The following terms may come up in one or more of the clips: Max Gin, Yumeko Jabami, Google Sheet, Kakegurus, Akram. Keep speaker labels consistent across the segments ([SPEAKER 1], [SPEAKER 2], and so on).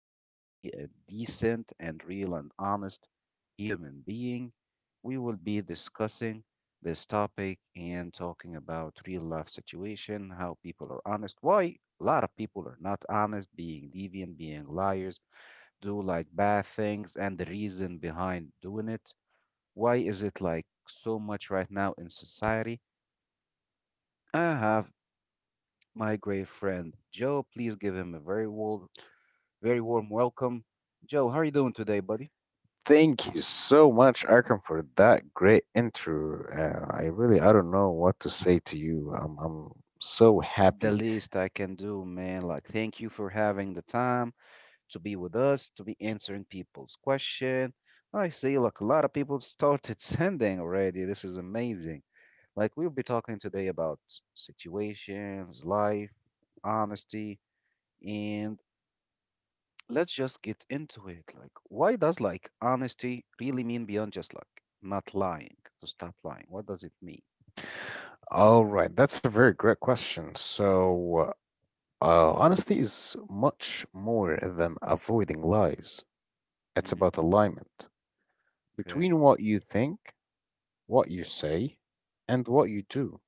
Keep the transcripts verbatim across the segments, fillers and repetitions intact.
[SPEAKER 1] how to be a decent and real and honest human being. We will be discussing this topic and talking about real life situation, how people are honest, why a lot of people are not honest, being deviant, being liars, do like bad things, and the reason behind doing it. Why is it like so much right now in society? I have my great friend Joe. Please give him a very warm, very warm welcome. Joe, how are you doing today, buddy?
[SPEAKER 2] Thank you so much, Akram, for that great intro. Uh, I really, I don't know what to say to you. I'm, I'm so
[SPEAKER 1] It's
[SPEAKER 2] happy.
[SPEAKER 1] the least I can do, man. Like, thank you for having the time to be with us, to be answering people's question. I see, like, a lot of people started sending already. This is amazing. Like, we'll be talking today about situations, life, honesty, and let's just get into it. Like, why does like honesty really mean beyond just like not lying, to stop lying? What does it mean?
[SPEAKER 2] All right, that's a very great question.
[SPEAKER 1] Hmm.
[SPEAKER 2] So, uh, honesty is much more than avoiding lies. It's
[SPEAKER 1] Hmm.
[SPEAKER 2] about alignment
[SPEAKER 1] Okay.
[SPEAKER 2] between what you think, what you say, and what you do.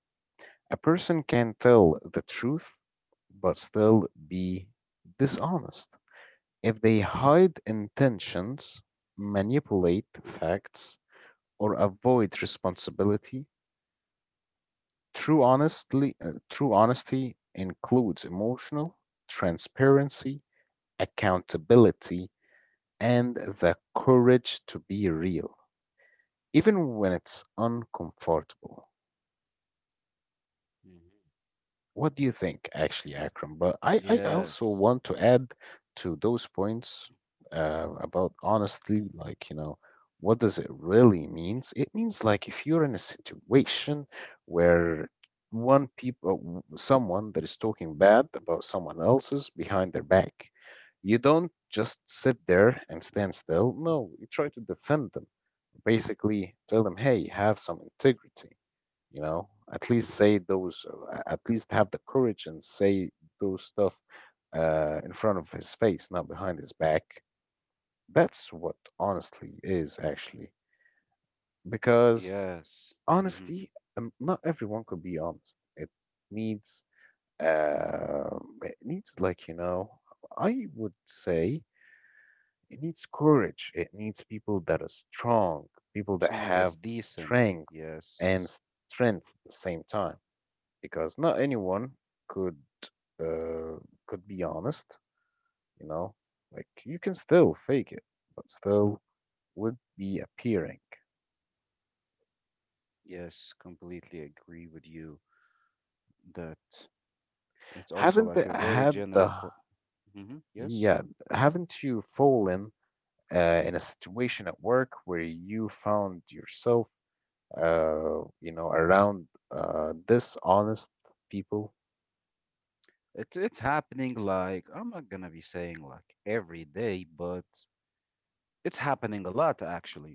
[SPEAKER 2] A person can tell the truth but still be dishonest. If they hide intentions, manipulate facts, or avoid responsibility, true honestly, uh, true honesty includes emotional transparency, accountability, and the courage to be real, even when it's uncomfortable.
[SPEAKER 1] Hmm.
[SPEAKER 2] What do you think, actually, Akram? But I, I also
[SPEAKER 1] Yes.
[SPEAKER 2] want to add to those points uh, about honestly, like, you know, what does it really means? It means like if you're in a situation where one people, someone that is talking bad about someone else's behind their back, you don't just sit there and stand still. No, you try to defend them. Basically, tell them, hey, have some integrity, you know, at least say those uh, at least have the courage and say those stuff uh, in front of his face, not behind his back. That's what honestly is, actually, because
[SPEAKER 1] Yes. Hmm.
[SPEAKER 2] honesty, um, not everyone could be honest. It needs, uh, it needs, like, you know, I would say it needs courage, it needs people that are strong, people that
[SPEAKER 1] Someone
[SPEAKER 2] have
[SPEAKER 1] that's decent.
[SPEAKER 2] strength and
[SPEAKER 1] Yes.
[SPEAKER 2] strength at the same time, because not anyone could, uh, could be honest, you know. Like you can still fake it, but still would be appearing.
[SPEAKER 1] Yes, completely agree with you that it's also
[SPEAKER 2] Haven't
[SPEAKER 1] like
[SPEAKER 2] the,
[SPEAKER 1] a very
[SPEAKER 2] had
[SPEAKER 1] general
[SPEAKER 2] the
[SPEAKER 1] co- hmm. Yes.
[SPEAKER 2] yeah? Haven't you fallen uh, in a situation at work where you found yourself, uh, you know, around uh, dishonest people?
[SPEAKER 1] It's it's happening, like, I'm not gonna be saying like every day, but it's happening a lot actually.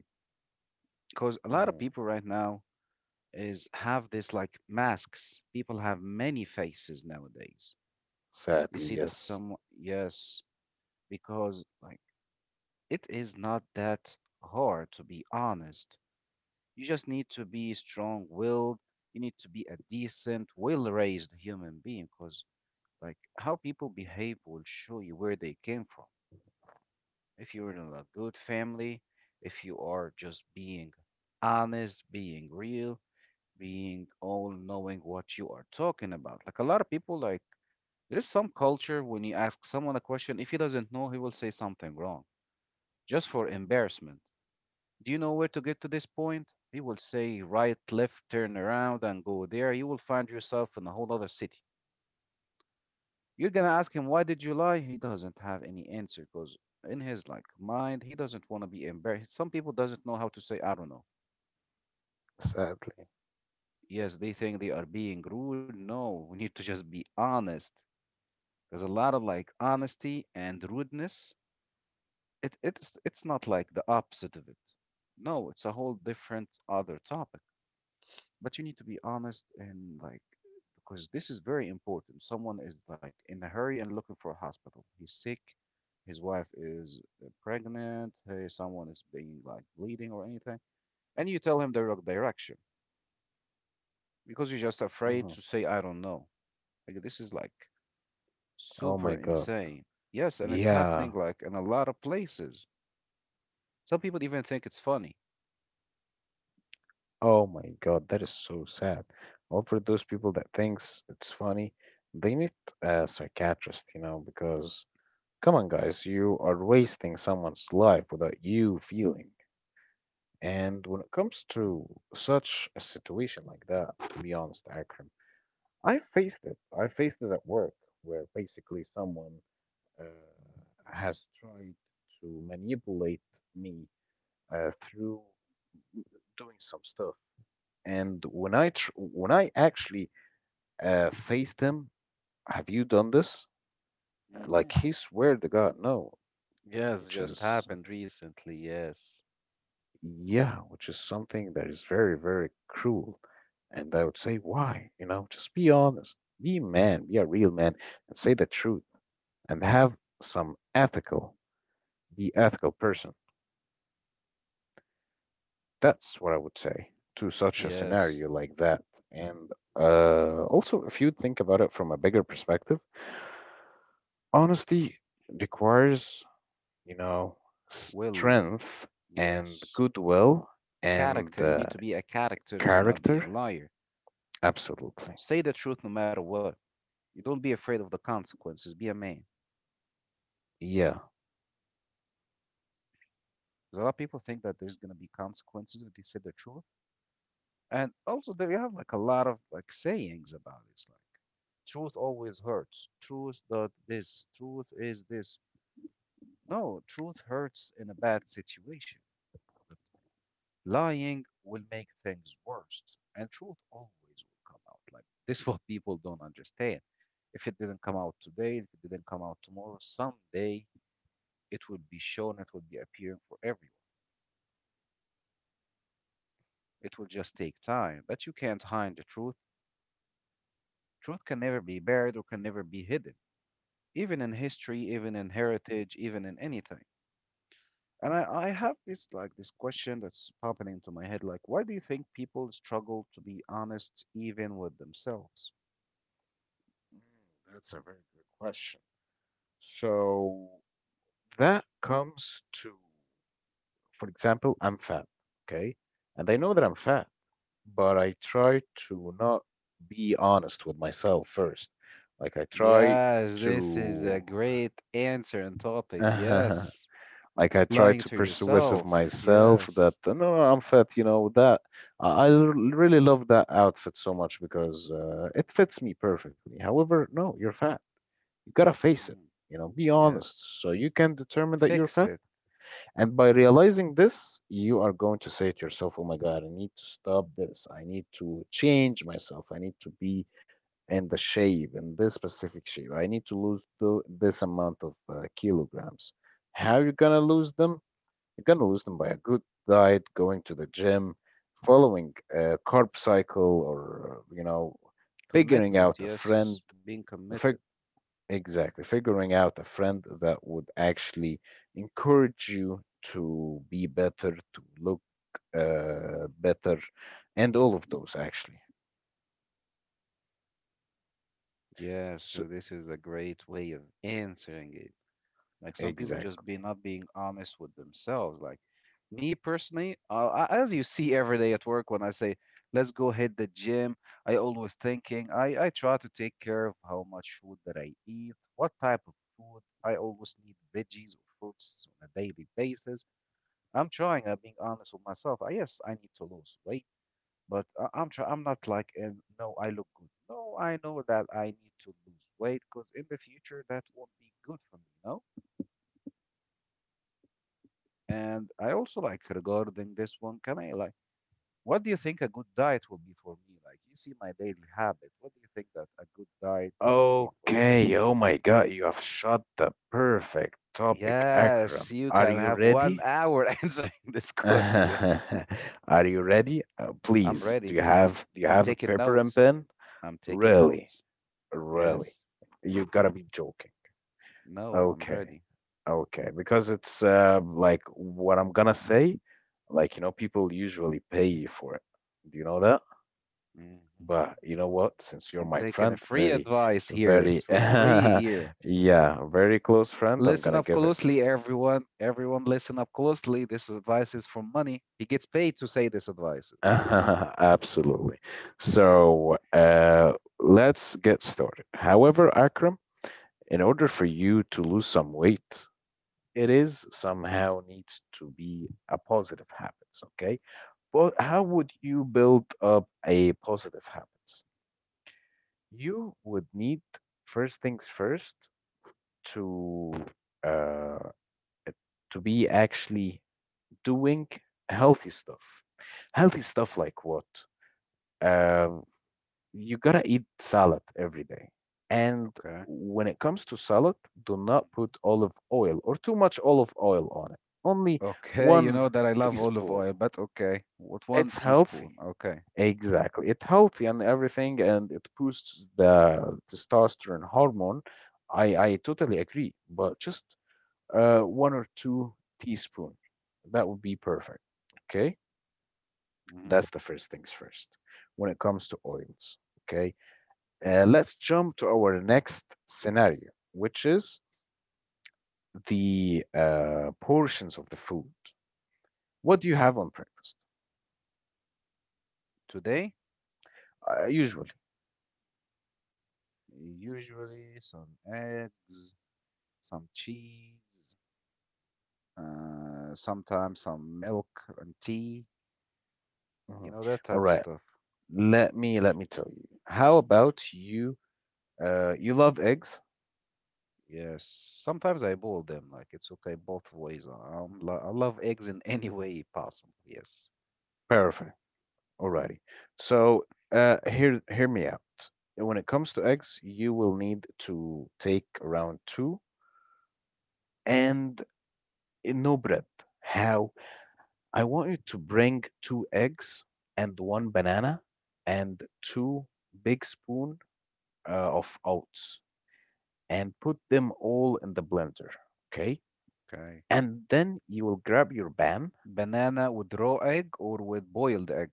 [SPEAKER 1] Because a lot of
[SPEAKER 2] Mm,
[SPEAKER 1] people right now is have this like masks. People have many faces nowadays. You
[SPEAKER 2] sadly,
[SPEAKER 1] see that
[SPEAKER 2] yes.
[SPEAKER 1] some, yes, because like it is not that hard, to be honest. You just need to be strong willed. You need to be a decent, well raised human being because, like, how people behave will show you where they came from. If you're in a good family, if you are just being honest, being real, being all knowing what you are talking about. Like, a lot of people, like, there is some culture when you ask someone a question, if he doesn't know, he will say something wrong just for embarrassment. Do you know where to get to this point? He will say right, left, turn around, and go there. You will find yourself in a whole other city. You're gonna ask him, why did you lie? He doesn't have any answer because in his like mind, he doesn't want to be embarrassed. Some people doesn't know how to say, I don't know.
[SPEAKER 2] Sadly.
[SPEAKER 1] Yes, they think they are being rude. No, we need to just be honest. There's a lot of like honesty and rudeness. It it's it's not like the opposite of it. No, it's a whole different other topic. But you need to be honest and like, because this is very important. Someone is like in a hurry and looking for a hospital, he's sick, his wife is uh, pregnant, hey, someone is being like bleeding or anything, and you tell him the wrong direction because you're just afraid
[SPEAKER 2] Mhm.
[SPEAKER 1] to say I don't know. Like this is like
[SPEAKER 2] Oh my
[SPEAKER 1] super
[SPEAKER 2] God.
[SPEAKER 1] insane. Yes, and it's
[SPEAKER 2] Yeah.
[SPEAKER 1] happening like in a lot of places. Some people even think it's funny.
[SPEAKER 2] Oh my God, that is so sad. Well, for those people that thinks it's funny, they need a psychiatrist, you know, because come on, guys, you are wasting someone's life without you feeling. And when it comes to such a situation like that, to be honest, Akram, I faced it. I faced it at work, where basically someone uh, has tried to manipulate me uh, through doing some stuff. And when I tr- when I actually uh, faced him, have you done this?
[SPEAKER 1] Hmm.
[SPEAKER 2] Like he swear to God, no,
[SPEAKER 1] Yes,
[SPEAKER 2] which
[SPEAKER 1] just
[SPEAKER 2] is
[SPEAKER 1] happened recently. Yes.
[SPEAKER 2] yeah, which is something that is very very cruel. And I would say, why? You know, just be honest, be a man, be a real man, and say the truth, and have some ethical, be ethical person. That's what I would say to such a
[SPEAKER 1] Yes.
[SPEAKER 2] scenario like that. And uh, also, if you think about it from a bigger perspective, honesty requires, you know,
[SPEAKER 1] Will.
[SPEAKER 2] strength and
[SPEAKER 1] Yes.
[SPEAKER 2] goodwill and
[SPEAKER 1] Character. You
[SPEAKER 2] uh,
[SPEAKER 1] need to be a character to not be
[SPEAKER 2] character?
[SPEAKER 1] a liar.
[SPEAKER 2] Absolutely.
[SPEAKER 1] Say the truth no matter what. You don't be afraid of the consequences. Be a man.
[SPEAKER 2] Yeah.
[SPEAKER 1] 'Cause a lot of people think that there's gonna be consequences if they say the truth, and also there you have like a lot of like sayings about this, like truth always hurts. Truth does this. Truth is this. No, truth hurts in a bad situation. Lying will make things worse, and truth always will come out. Like, this, is what people don't understand. If it didn't come out today, if it didn't come out tomorrow, someday it will be shown, it will be appearing for everyone. It will just take time, but you can't hide the truth. Truth can never be buried or can never be hidden, even in history, even in heritage, even in anything. And I, I have this like this question that's popping into my head, like, why do you think people struggle to be honest even with themselves?
[SPEAKER 2] Mm, that's a very good question. So that comes to, for example, I'm fat, okay? And I know that I'm fat, but I try to not be honest with myself first. Like I try
[SPEAKER 1] Yes, this is a
[SPEAKER 2] to
[SPEAKER 1] great answer and topic. Yes.
[SPEAKER 2] like I try
[SPEAKER 1] Lying to
[SPEAKER 2] to persuasive
[SPEAKER 1] yourself.
[SPEAKER 2] myself
[SPEAKER 1] Yes.
[SPEAKER 2] that no, no, I'm fat. You know that I I really love that outfit so much because uh, it fits me perfectly. However, no, you're fat. You gotta face it.
[SPEAKER 1] Mhm.
[SPEAKER 2] You know, be
[SPEAKER 1] Yes.
[SPEAKER 2] honest, so you can determine that you're
[SPEAKER 1] Fix
[SPEAKER 2] fat.
[SPEAKER 1] it.
[SPEAKER 2] And by realizing this, you are going to say to yourself, "Oh my God, I need to stop this. I need to change myself. I need to be in the shape, in this specific shape. I need to lose the, this amount of uh, kilograms." How you gonna lose them? You're gonna lose them by a good diet, going to the gym, following a carb cycle, or you know, figuring
[SPEAKER 1] Commitment.
[SPEAKER 2] out a friend.
[SPEAKER 1] Yes. Being committed.
[SPEAKER 2] Fig- Exactly, figuring out a friend that would actually encourage you to be better, to look uh, better, and all of those actually.
[SPEAKER 1] Yes.
[SPEAKER 2] So,
[SPEAKER 1] This is a great way of answering it. Like some people just be
[SPEAKER 2] exactly.
[SPEAKER 1] not being honest with themselves. Like me personally, uh, a- as you see every day at work, when I say let's go hit the gym, I always thinking I I try to take care of how much food that I eat, what type of food. I always need veggies or fruits on a daily basis. I'm trying. I'm being honest with myself. Uh, yes, I need to lose weight, but I, I'm try. I'm not like and no, I look good. No, I know that I need to lose weight because in the future that won't be good for me. No. And I also like regarding this one, Camille, like, what do you think a good diet will be for me? Like, you see my daily habit. What do you think that a good diet will be for
[SPEAKER 2] Okay, oh my God, you have shot the perfect
[SPEAKER 1] me?
[SPEAKER 2] topic,
[SPEAKER 1] Yes,
[SPEAKER 2] Akram.
[SPEAKER 1] you
[SPEAKER 2] Are
[SPEAKER 1] can
[SPEAKER 2] you
[SPEAKER 1] have one
[SPEAKER 2] ready?
[SPEAKER 1] hour answering this question.
[SPEAKER 2] Are you ready? Uh,
[SPEAKER 1] I'm
[SPEAKER 2] please, do
[SPEAKER 1] ready.
[SPEAKER 2] you have do you
[SPEAKER 1] I'm
[SPEAKER 2] have a
[SPEAKER 1] taking
[SPEAKER 2] paper and
[SPEAKER 1] notes.
[SPEAKER 2] pen?
[SPEAKER 1] I'm taking
[SPEAKER 2] Really,
[SPEAKER 1] notes.
[SPEAKER 2] really,
[SPEAKER 1] Yes.
[SPEAKER 2] you gotta be joking.
[SPEAKER 1] No, I'm
[SPEAKER 2] Okay,
[SPEAKER 1] ready.
[SPEAKER 2] okay, because it's uh, like what I'm gonna say. Like you know, people usually pay you for it. Do you know that?
[SPEAKER 1] Mhm.
[SPEAKER 2] But you know what? Since you're
[SPEAKER 1] I'm
[SPEAKER 2] my
[SPEAKER 1] taking a
[SPEAKER 2] friend,
[SPEAKER 1] free
[SPEAKER 2] very,
[SPEAKER 1] advice here. It's
[SPEAKER 2] very,
[SPEAKER 1] for free
[SPEAKER 2] yeah,
[SPEAKER 1] here.
[SPEAKER 2] very close friend, I'm
[SPEAKER 1] Listen
[SPEAKER 2] gonna
[SPEAKER 1] up
[SPEAKER 2] give it.
[SPEAKER 1] closely, everyone. Everyone, listen up closely. This advice is for money. He gets paid to say this advice.
[SPEAKER 2] Absolutely. So uh, let's get started. However, Akram, in order for you to lose some weight, it is somehow needs to be a positive habits, okay? But
[SPEAKER 1] Mhm.
[SPEAKER 2] how would you build up a positive habits? You would need first things first to uh, to be actually doing healthy stuff. Healthy stuff like what? Um, you gotta eat salad every day. And
[SPEAKER 1] Okay.
[SPEAKER 2] when it comes to salad, do not
[SPEAKER 1] Mhm.
[SPEAKER 2] put olive oil or too much olive oil on it. Only
[SPEAKER 1] Okay, you
[SPEAKER 2] one
[SPEAKER 1] know that I love olive
[SPEAKER 2] teaspoon.
[SPEAKER 1] oil, but okay. What, one
[SPEAKER 2] It's healthy.
[SPEAKER 1] teaspoon? Okay.
[SPEAKER 2] Exactly. It's healthy and everything, and it boosts the testosterone hormone. I, I totally agree, but just uh, one or two teaspoon. That would be perfect. Okay?
[SPEAKER 1] Mhm.
[SPEAKER 2] That's the first things first when it comes to oils. Okay? Uh, let's jump to our next scenario, which is the uh, portions of the food. What do you have on breakfast?
[SPEAKER 1] Today,
[SPEAKER 2] Uh, usually.
[SPEAKER 1] usually some eggs, some cheese, uh, sometimes some milk and tea, you
[SPEAKER 2] Mhm.
[SPEAKER 1] know, that
[SPEAKER 2] All
[SPEAKER 1] type of
[SPEAKER 2] right.
[SPEAKER 1] stuff.
[SPEAKER 2] Let me let me tell you. How about you? Uh, you love eggs?
[SPEAKER 1] Yes, sometimes I boil them. Like it's okay both ways. Um, lo- I love eggs in any way possible. Yes.
[SPEAKER 2] Perfect. Alrighty. So uh, hear hear me out. When it comes to eggs, you will need to take around two and uh, no bread. How I want you to bring two eggs and one banana and two big spoon uh, of oats and put them all in the blender. Okay.
[SPEAKER 1] Okay.
[SPEAKER 2] And then you will grab your pan.
[SPEAKER 1] Banana with raw egg or with boiled egg?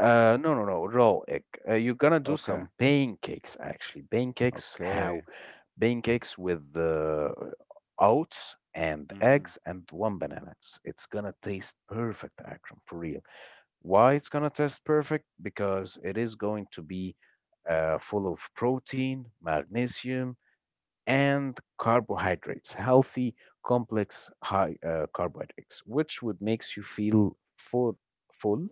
[SPEAKER 2] Uh, no, no, no, raw egg. Uh, you're gonna do
[SPEAKER 1] Okay.
[SPEAKER 2] some pancakes actually. Pancakes,
[SPEAKER 1] Okay.
[SPEAKER 2] how? Pancakes with the oats and
[SPEAKER 1] Mm-hmm.
[SPEAKER 2] eggs and one banana. It's, it's gonna taste perfect, Akram, for real. Why it's gonna test perfect? Because it is going to be uh, full of protein, magnesium, and carbohydrates, healthy, complex, high uh, carbohydrates, which would makes you feel full, full,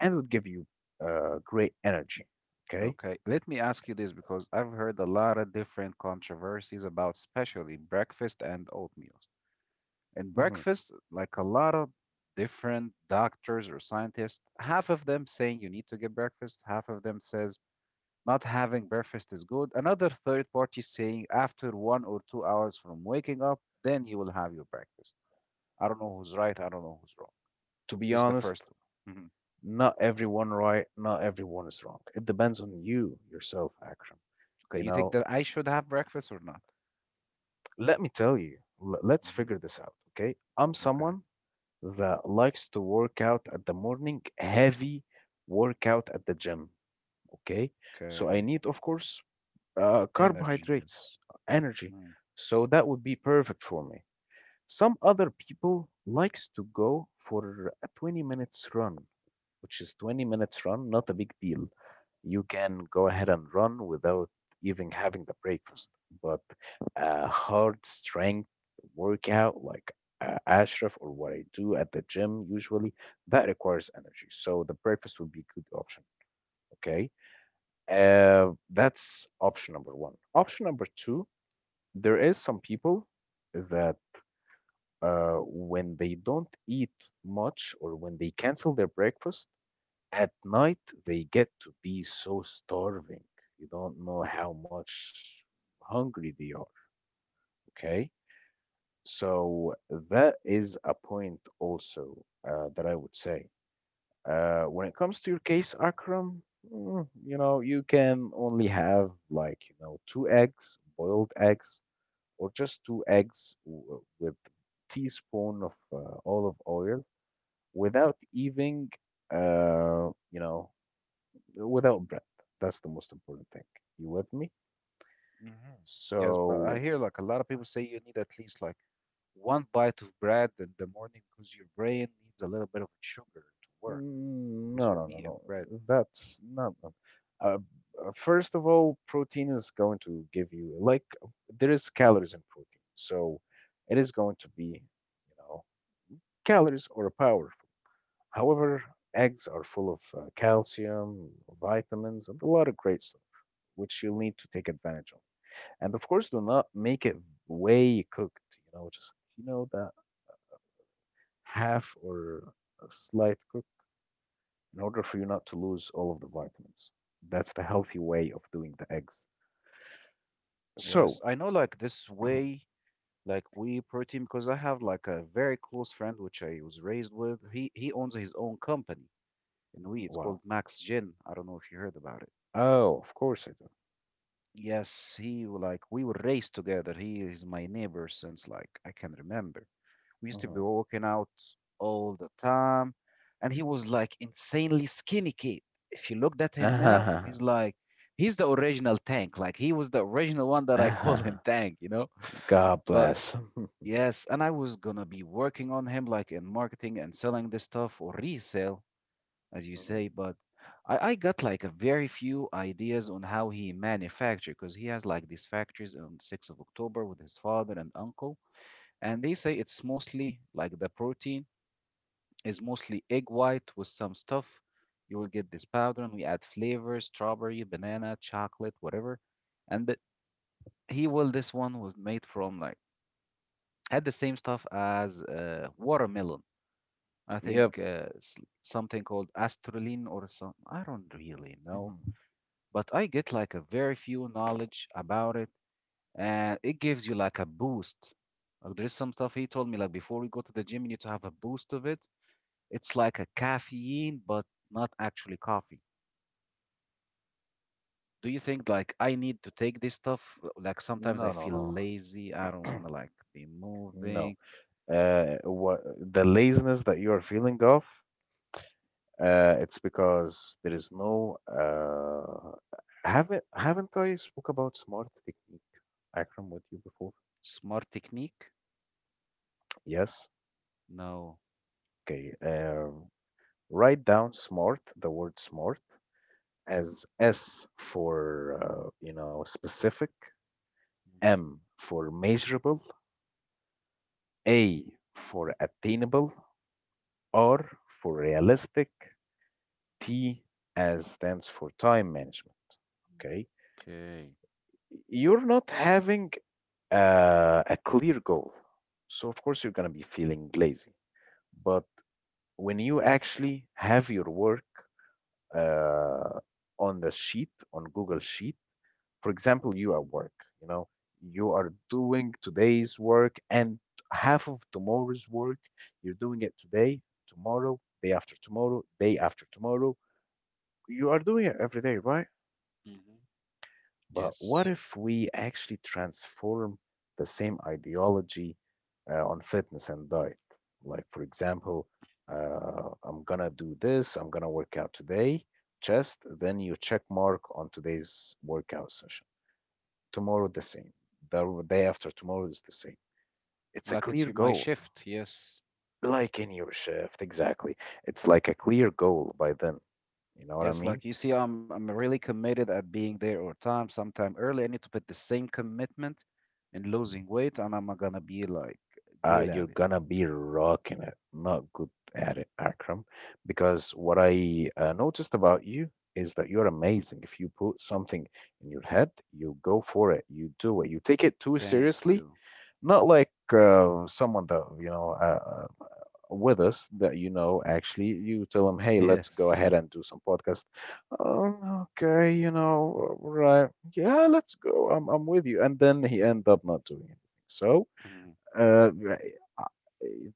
[SPEAKER 2] and would give you uh, great energy. Okay.
[SPEAKER 1] Okay. Let me ask you this because I've heard a lot of different controversies about especially breakfast and oatmeal. In
[SPEAKER 2] Hmm.
[SPEAKER 1] breakfast, like a lot of different doctors or scientists, half of them saying you need to get breakfast, half of them says not having breakfast is good, another third party saying after one or two hours from waking up, then you will have your breakfast. I don't know who's right, I don't know who's wrong.
[SPEAKER 2] To be
[SPEAKER 1] This is the first
[SPEAKER 2] honest,
[SPEAKER 1] one. Hmm.
[SPEAKER 2] not everyone right, not everyone is wrong. It depends on you yourself, Akram. You
[SPEAKER 1] Okay, you think
[SPEAKER 2] know,
[SPEAKER 1] that I should have breakfast or not?
[SPEAKER 2] let me tell you, l- let's
[SPEAKER 1] Hmm.
[SPEAKER 2] figure this out, okay? I'm
[SPEAKER 1] Okay,
[SPEAKER 2] someone that likes to work out at the morning, heavy workout at the gym, okay? So
[SPEAKER 1] okay.
[SPEAKER 2] I need, of course, uh,
[SPEAKER 1] Energy,
[SPEAKER 2] carbohydrates,
[SPEAKER 1] yes.
[SPEAKER 2] energy.
[SPEAKER 1] Hmm.
[SPEAKER 2] So that would be perfect for me. Some other people likes to go for a twenty minutes run, which is twenty minutes run, not a big deal. You can go ahead and run without even having the breakfast. But a hard strength workout like uh, Ashraf or what I do at the gym usually, that requires energy. So the breakfast would be a good option. Okay. Uh, that's option number one. Option number two, there is some people that uh, when they don't eat much or when they cancel their breakfast, at night, they get to be so starving. You don't know how much hungry they are. Okay. So that is a point also uh, that I would say. Uh, when it comes to your case, Akram, mm, you know, you can only have like, you know, two eggs, boiled eggs, or just two eggs w- with teaspoon of uh, olive oil without even, uh, you know, without bread. That's the most important thing. You with me?
[SPEAKER 1] Hmm. Yes, but I
[SPEAKER 2] So,
[SPEAKER 1] hear like a lot of people say you need at least like one bite of bread in the morning because your brain needs a little bit of sugar to work.
[SPEAKER 2] mm,
[SPEAKER 1] This
[SPEAKER 2] no,
[SPEAKER 1] will
[SPEAKER 2] no, no,
[SPEAKER 1] be in
[SPEAKER 2] no.
[SPEAKER 1] bread.
[SPEAKER 2] That's not. No. Uh, uh, first of all, protein is going to give you like there is calories in protein, so it is going to be, you know, calories or powerful. However, eggs are full of uh, calcium, vitamins, and a lot of great stuff which you'll need to take advantage of. And of course, do not make it way cooked. You know, just you know that half or a slight cook in order for you not to lose all of the vitamins. That's the healthy way of doing the eggs.
[SPEAKER 1] Yes,
[SPEAKER 2] So,
[SPEAKER 1] I know like this way, like we protein, because I have like a very close friend which I was raised with. He he owns his own company in we. It's
[SPEAKER 2] wow.
[SPEAKER 1] called Max Gin. I don't know if you heard about it.
[SPEAKER 2] Oh, of course I do.
[SPEAKER 1] Yes, he w- like we were raised together. He is my neighbor since like I can remember. We used to be
[SPEAKER 2] Mhm.
[SPEAKER 1] walking out all the time, and he was like insanely skinny kid. If you looked at him
[SPEAKER 2] Ah
[SPEAKER 1] now,
[SPEAKER 2] uh
[SPEAKER 1] he's like he's the original tank. Like he was the original one that I call
[SPEAKER 2] Uh-huh.
[SPEAKER 1] him tank, you know?
[SPEAKER 2] God
[SPEAKER 1] But
[SPEAKER 2] bless.
[SPEAKER 1] yes, and I was gonna be working on him like in marketing and selling this stuff or resale as you say, but I, I got like a very few ideas on how he manufactured because he has like these factories on sixth of October with his father and uncle, and they say it's mostly like the protein is mostly egg white with some stuff. You will get this powder, and we add flavors: strawberry, banana, chocolate, whatever. And the, he will this one was made from like had the same stuff as uh, watermelon. I think
[SPEAKER 2] Yep.
[SPEAKER 1] uh, s- something called astraline or some, I don't really know,
[SPEAKER 2] Mhm.
[SPEAKER 1] but I get like a very few knowledge about it, and it gives you like a boost. Like there is some stuff he told me like before we go to the gym, you need to have a boost of it. It's like a caffeine, but not actually coffee. Do you think like I need to take this stuff? Like sometimes I
[SPEAKER 2] No, no,
[SPEAKER 1] feel
[SPEAKER 2] no.
[SPEAKER 1] lazy. I don't want to like be moving.
[SPEAKER 2] No. Uh, what the laziness that you are feeling of, uh, it's because there is no uh haven't haven't I spoke about smart technique, Akram, with you before?
[SPEAKER 1] Smart technique?
[SPEAKER 2] Yes.
[SPEAKER 1] No.
[SPEAKER 2] Okay, uh, write down smart, the word smart, as S for, uh, you know, specific,
[SPEAKER 1] Mhm.
[SPEAKER 2] M for measurable, A for attainable, R for realistic, T as stands for time management. Okay,
[SPEAKER 1] Okay.
[SPEAKER 2] you're not having uh, a clear goal. So, of course, you're going to be feeling lazy. But when you actually have your work uh, on the sheet, on Google Sheet. For example, you at work, you know, you are doing today's work and half of tomorrow's work. You're doing it today, tomorrow, day after tomorrow, day after tomorrow. You are doing it every day, right?
[SPEAKER 1] Hmm.
[SPEAKER 2] But what
[SPEAKER 1] Yes.
[SPEAKER 2] if we actually transform the same ideology uh, on fitness and diet? Like, for example, uh, I'm gonna do this, I'm gonna work out today, chest, then you check mark on today's workout session. Tomorrow, the same. The day after tomorrow is the same. It's a
[SPEAKER 1] Like
[SPEAKER 2] clear
[SPEAKER 1] it's your- my
[SPEAKER 2] goal,
[SPEAKER 1] shift. Yes.
[SPEAKER 2] like in your shift, exactly. It's like a clear goal by then. You know what I
[SPEAKER 1] Yes,
[SPEAKER 2] mean?
[SPEAKER 1] like you see, I'm I'm really committed at being there or time, sometime early. I need to put the same commitment in losing weight, and I'm gonna be like
[SPEAKER 2] Uh,
[SPEAKER 1] good
[SPEAKER 2] you're
[SPEAKER 1] at it.
[SPEAKER 2] gonna be rocking it. Not good at it, Akram, because what I uh, noticed about you is that you're amazing. If you put something in your head, you go for it. You do it. You take it too
[SPEAKER 1] Thank
[SPEAKER 2] seriously.
[SPEAKER 1] you.
[SPEAKER 2] Not like uh, someone that you know uh, uh, with us that you know. Actually, you tell them, "Hey, let's go ahead
[SPEAKER 1] Yes.
[SPEAKER 2] and do some podcast." Um, okay, you know, right? Yeah, let's go. I'm I'm with you, and then he end up not doing anything. So
[SPEAKER 1] Mhm,
[SPEAKER 2] uh, right, uh,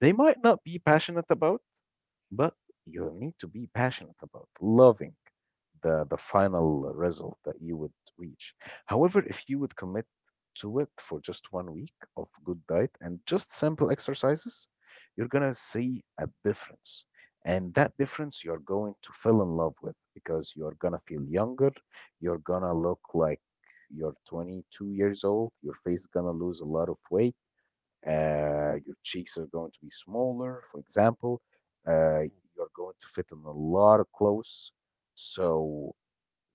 [SPEAKER 2] they might not be passionate about, but you'll need to be passionate about loving the, the final result that you would reach. However, if you would commit to it for just one week of good diet and just simple exercises, you're going to see a difference. And that difference you're going to fall in love with because you're going to feel younger, you're going to look like you're twenty-two years old, your face going to lose a lot of weight, uh, your cheeks are going to be smaller, for example. Uh,
[SPEAKER 1] mhm,
[SPEAKER 2] you're going to fit in a lot of clothes. So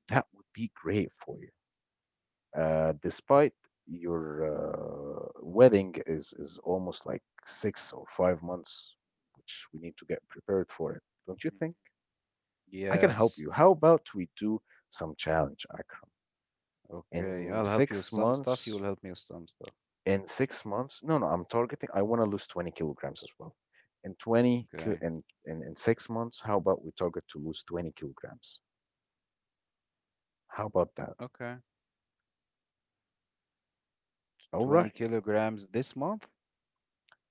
[SPEAKER 2] that would be great for you. Uh, despite your uh, wedding is, is almost like six or five months, which we need to get prepared for it. Don't you
[SPEAKER 1] mhm.
[SPEAKER 2] think? I can help
[SPEAKER 1] Yes.
[SPEAKER 2] you. How about we do some challenge, Akram?
[SPEAKER 1] Okay.
[SPEAKER 2] In
[SPEAKER 1] I'll help you with
[SPEAKER 2] six
[SPEAKER 1] some stuff. You
[SPEAKER 2] months,
[SPEAKER 1] will help me with some stuff.
[SPEAKER 2] In six months, no, no, I'm targeting, I wanna lose twenty kilograms as well. In twenty ki
[SPEAKER 1] Okay.
[SPEAKER 2] in in in six months, how about we target to lose twenty kilograms? How about that?
[SPEAKER 1] Okay.
[SPEAKER 2] Alright.
[SPEAKER 1] twenty kilograms this month,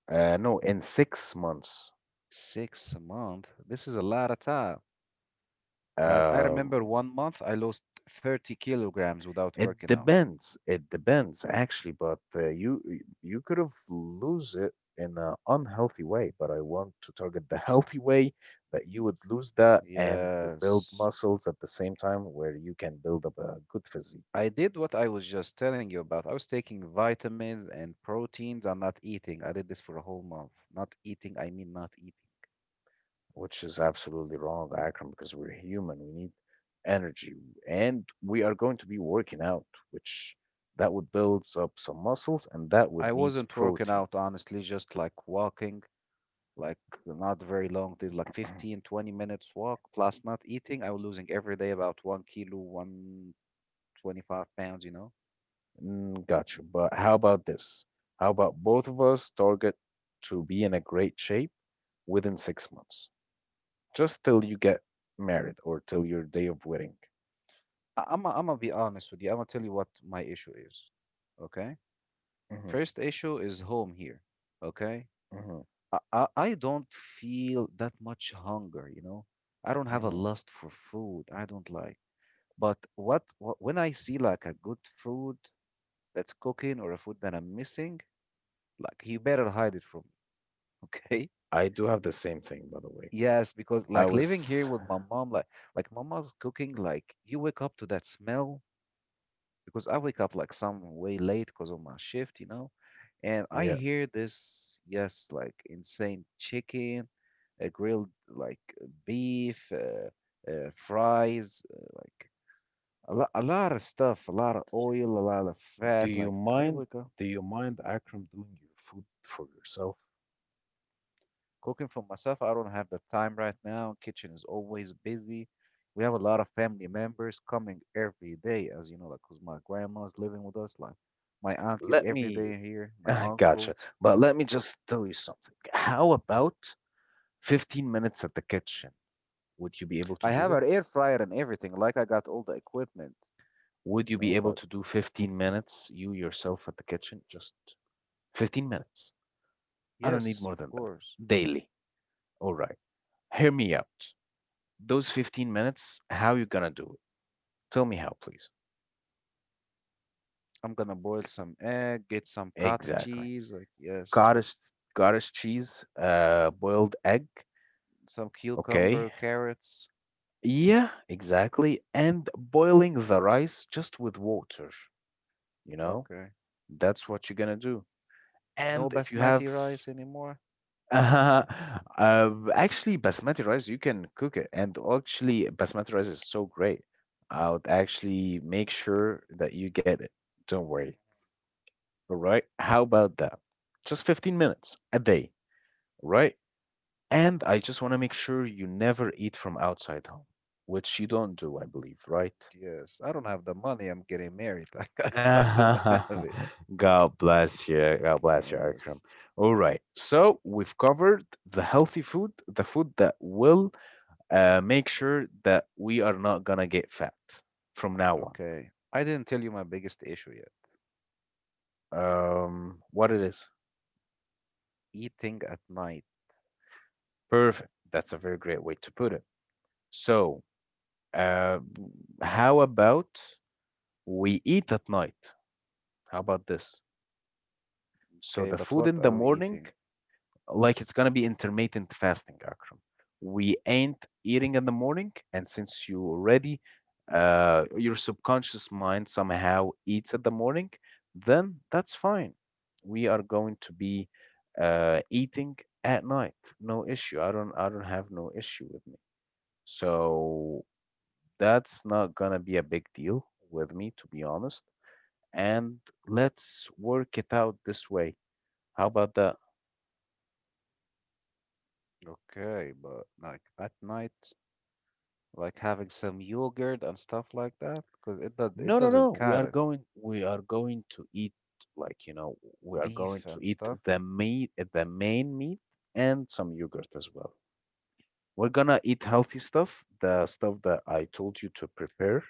[SPEAKER 2] Uh, no, in six months.
[SPEAKER 1] six a month. This is a lot of time. Like I
[SPEAKER 2] Um,
[SPEAKER 1] remember one month I lost thirty kilograms without working
[SPEAKER 2] it
[SPEAKER 1] out.
[SPEAKER 2] depends, it depends actually, but uh, you you could've lose it in an unhealthy way, but I want to target the healthy way that you would lose that and you would build
[SPEAKER 1] Yes.
[SPEAKER 2] muscles at the same time where you can build up a good physique.
[SPEAKER 1] I did what I was just telling you about. I was taking vitamins and proteins and not eating. I did this for a whole month. Not eating, I mean not eating.
[SPEAKER 2] Which is absolutely wrong, Akram, because we're human. We need energy and we are going to be working out, which that would build up some muscles and that
[SPEAKER 1] I
[SPEAKER 2] would needs
[SPEAKER 1] wasn't working
[SPEAKER 2] protein.
[SPEAKER 1] out, honestly, just like walking, like not very long, did like fifteen, twenty minutes walk, plus not eating. I was losing every day about one kilo, one twenty-five pounds, you know?
[SPEAKER 2] Mm, got you. But how about this? How about both of us target to be in a great shape within six months, just till you get married or till your day of wedding?
[SPEAKER 1] I- I'm, I'm gonna be honest with you. I'm gonna tell you what my issue is. Okay?
[SPEAKER 2] Hmm.
[SPEAKER 1] First issue is home here. Okay?
[SPEAKER 2] Hmm.
[SPEAKER 1] I, I I don't feel that much hunger, you know. I don't have a
[SPEAKER 2] Hmm.
[SPEAKER 1] lust for food. I don't like. But what, what when I see like a good food that's cooking or a food that I'm missing, like you better hide it from me, okay?
[SPEAKER 2] I do have the same thing, by the way.
[SPEAKER 1] Yes, because
[SPEAKER 2] I
[SPEAKER 1] like living here
[SPEAKER 2] was,
[SPEAKER 1] with my mom, like like mama's cooking, like you wake up to that smell because I wake up like some way late because of my shift, you know, and I
[SPEAKER 2] yeah.
[SPEAKER 1] hear this, yes, like insane chicken, a grilled like uh, beef, uh, uh, fries, uh, like a lot, a lot of stuff, a lot of oil, a lot of
[SPEAKER 2] Do
[SPEAKER 1] fat.
[SPEAKER 2] you
[SPEAKER 1] Like I
[SPEAKER 2] mind?
[SPEAKER 1] wake up
[SPEAKER 2] Do you mind, Akram, doing your food for yourself?
[SPEAKER 1] cooking for myself. I don't have the time right now. Kitchen is always busy. We have a lot of family members coming every day, as you know, like 'cause my grandma's living with us, like my aunties
[SPEAKER 2] Let
[SPEAKER 1] every
[SPEAKER 2] me.
[SPEAKER 1] day here, my
[SPEAKER 2] Gotcha.
[SPEAKER 1] uncles.
[SPEAKER 2] But let me just tell you something. How about fifteen minutes at the kitchen? Would you be able to
[SPEAKER 1] I
[SPEAKER 2] do
[SPEAKER 1] have
[SPEAKER 2] it?
[SPEAKER 1] an air fryer and everything. Like I got all the equipment,
[SPEAKER 2] Would you
[SPEAKER 1] you
[SPEAKER 2] be
[SPEAKER 1] know.
[SPEAKER 2] able
[SPEAKER 1] But
[SPEAKER 2] to do fifteen minutes, you yourself at the kitchen? Just fifteen minutes. I don't need
[SPEAKER 1] yes,
[SPEAKER 2] more
[SPEAKER 1] of
[SPEAKER 2] than that.
[SPEAKER 1] course,
[SPEAKER 2] Daily. All right. Hear me out. Those fifteen minutes, how you gonna do it? Tell me how, please.
[SPEAKER 1] I'm gonna boil some egg, get some cottage
[SPEAKER 2] Exactly.
[SPEAKER 1] cheese. Like yes,
[SPEAKER 2] Cottage, cottage cheese, uh, boiled egg.
[SPEAKER 1] some cucumber,
[SPEAKER 2] Okay.
[SPEAKER 1] carrots.
[SPEAKER 2] Yeah, exactly. And boiling the rice just with water, you know,
[SPEAKER 1] Okay.
[SPEAKER 2] that's what you're gonna do.
[SPEAKER 1] No
[SPEAKER 2] And if you
[SPEAKER 1] basmati
[SPEAKER 2] have
[SPEAKER 1] rice anymore.
[SPEAKER 2] uh, actually basmati rice, you can cook it. And actually, basmati rice is so great. I would actually make sure that you get it. Don't worry. All right. How about that? Just fifteen minutes a day, right? And I just want to make sure you never eat from outside home, which you don't do, I believe, right?
[SPEAKER 1] Yes, I don't have the money. I'm getting married. Like I, I don't have it.
[SPEAKER 2] God bless you. God bless you,
[SPEAKER 1] Yes.
[SPEAKER 2] Akram. All right. So we've covered the healthy food, the food that will uh, make sure that we are not gonna get fat from now
[SPEAKER 1] Okay. I didn't tell you my biggest issue yet.
[SPEAKER 2] on. Um, what it is?
[SPEAKER 1] Eating at night.
[SPEAKER 2] Perfect. That's a very great way to put it. So, uh, how about we eat at night? How about this? So
[SPEAKER 1] Okay,
[SPEAKER 2] the
[SPEAKER 1] but
[SPEAKER 2] food
[SPEAKER 1] what
[SPEAKER 2] in the
[SPEAKER 1] are we
[SPEAKER 2] morning,
[SPEAKER 1] eating?
[SPEAKER 2] like it's gonna be intermittent fasting, Akram. We ain't eating in the morning, and since you already uh, your subconscious mind somehow eats at the morning, then that's fine. We are going to be uh, eating at night. No issue. I don't I don't have no issue with me. So that's not gonna be a big deal with me, to be honest. And let's work it out this way. How about that?
[SPEAKER 1] Okay, but like at night, like having some yogurt and stuff like that, because it does it
[SPEAKER 2] No, no,
[SPEAKER 1] doesn't
[SPEAKER 2] no. We
[SPEAKER 1] cut
[SPEAKER 2] are
[SPEAKER 1] it.
[SPEAKER 2] going. We are going to eat, like you know. We are going
[SPEAKER 1] Beef
[SPEAKER 2] to
[SPEAKER 1] and
[SPEAKER 2] eat
[SPEAKER 1] stuff.
[SPEAKER 2] the meat, eh, the main meat, and some yogurt as well. We're gonna eat healthy stuff, the stuff that I told you to prepare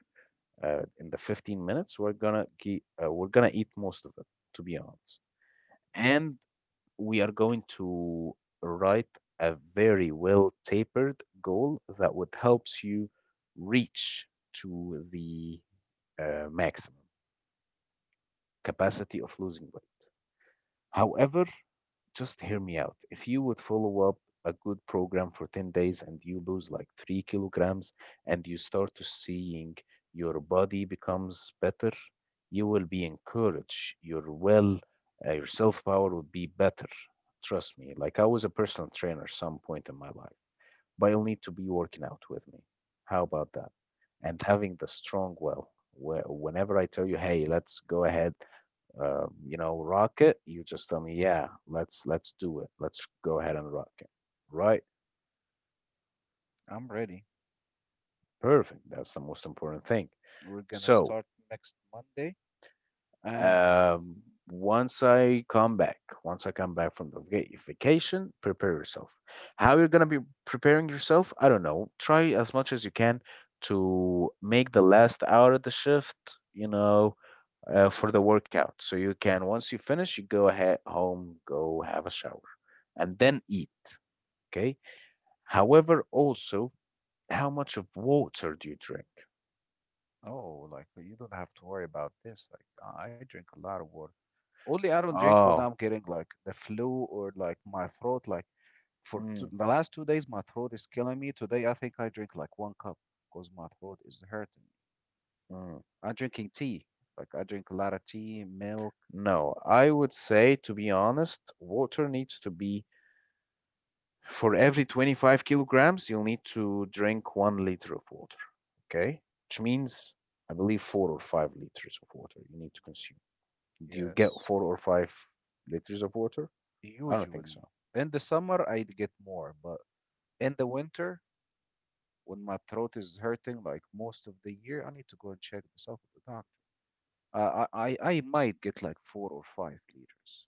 [SPEAKER 2] uh, in the fifteen minutes. We're gonna ge- uh, we're gonna eat most of it, to be honest. And we are going to write a very well tapered goal that would helps you reach to the uh, maximum capacity of losing weight. However, just hear me out. If you would follow up a good program for ten days and you lose like three kilograms and you start to seeing your body becomes better, you will be encouraged. Your well, uh, your self power would be better. Trust me. Like I was a personal trainer some point in my life, but you'll need to be working out with me. How about that? And having the strong will, where whenever I tell you, hey, let's go ahead, uh, you know, rock it, you just tell me, yeah, let's let's do it. Let's go ahead and rock it. Right?
[SPEAKER 1] I'm ready.
[SPEAKER 2] Perfect. That's the most important thing.
[SPEAKER 1] We're gonna
[SPEAKER 2] So,
[SPEAKER 1] start next Monday, and
[SPEAKER 2] um, once I come back, once I come back from the vaca- vacation, prepare yourself. How you're gonna be preparing yourself? I don't know. Try as much as you can to make the last hour of the shift, you know, uh, for the workout. So you can, once you finish, you go ahead home, go have a shower, and then eat. Okay. However, also, how much of water do you drink?
[SPEAKER 1] oh, like you don't have to worry about this. Like I I drink a lot of water. Only I don't drink when
[SPEAKER 2] Oh,
[SPEAKER 1] I'm getting like the flu or like my throat. Like for two,
[SPEAKER 2] mm,
[SPEAKER 1] the last two days, my throat is killing me. Today, I think I drink like one cup because my throat is hurting.
[SPEAKER 2] mm.
[SPEAKER 1] I'm drinking tea. Like I drink a lot of tea, milk.
[SPEAKER 2] No, I would say, to be honest, water needs to be, for every twenty-five kilograms, you'll need to drink one liter of water. Okay? Which means, I believe, four or five liters of water you need to consume. Do you get
[SPEAKER 1] Yes.
[SPEAKER 2] four or five liters of water? I don't think
[SPEAKER 1] Usually,
[SPEAKER 2] so.
[SPEAKER 1] in the summer, I'd get more, but in the winter, when my throat is hurting like most of the year, I need to go and check this out with the doctor. Uh, I, I, I might get like four or five liters.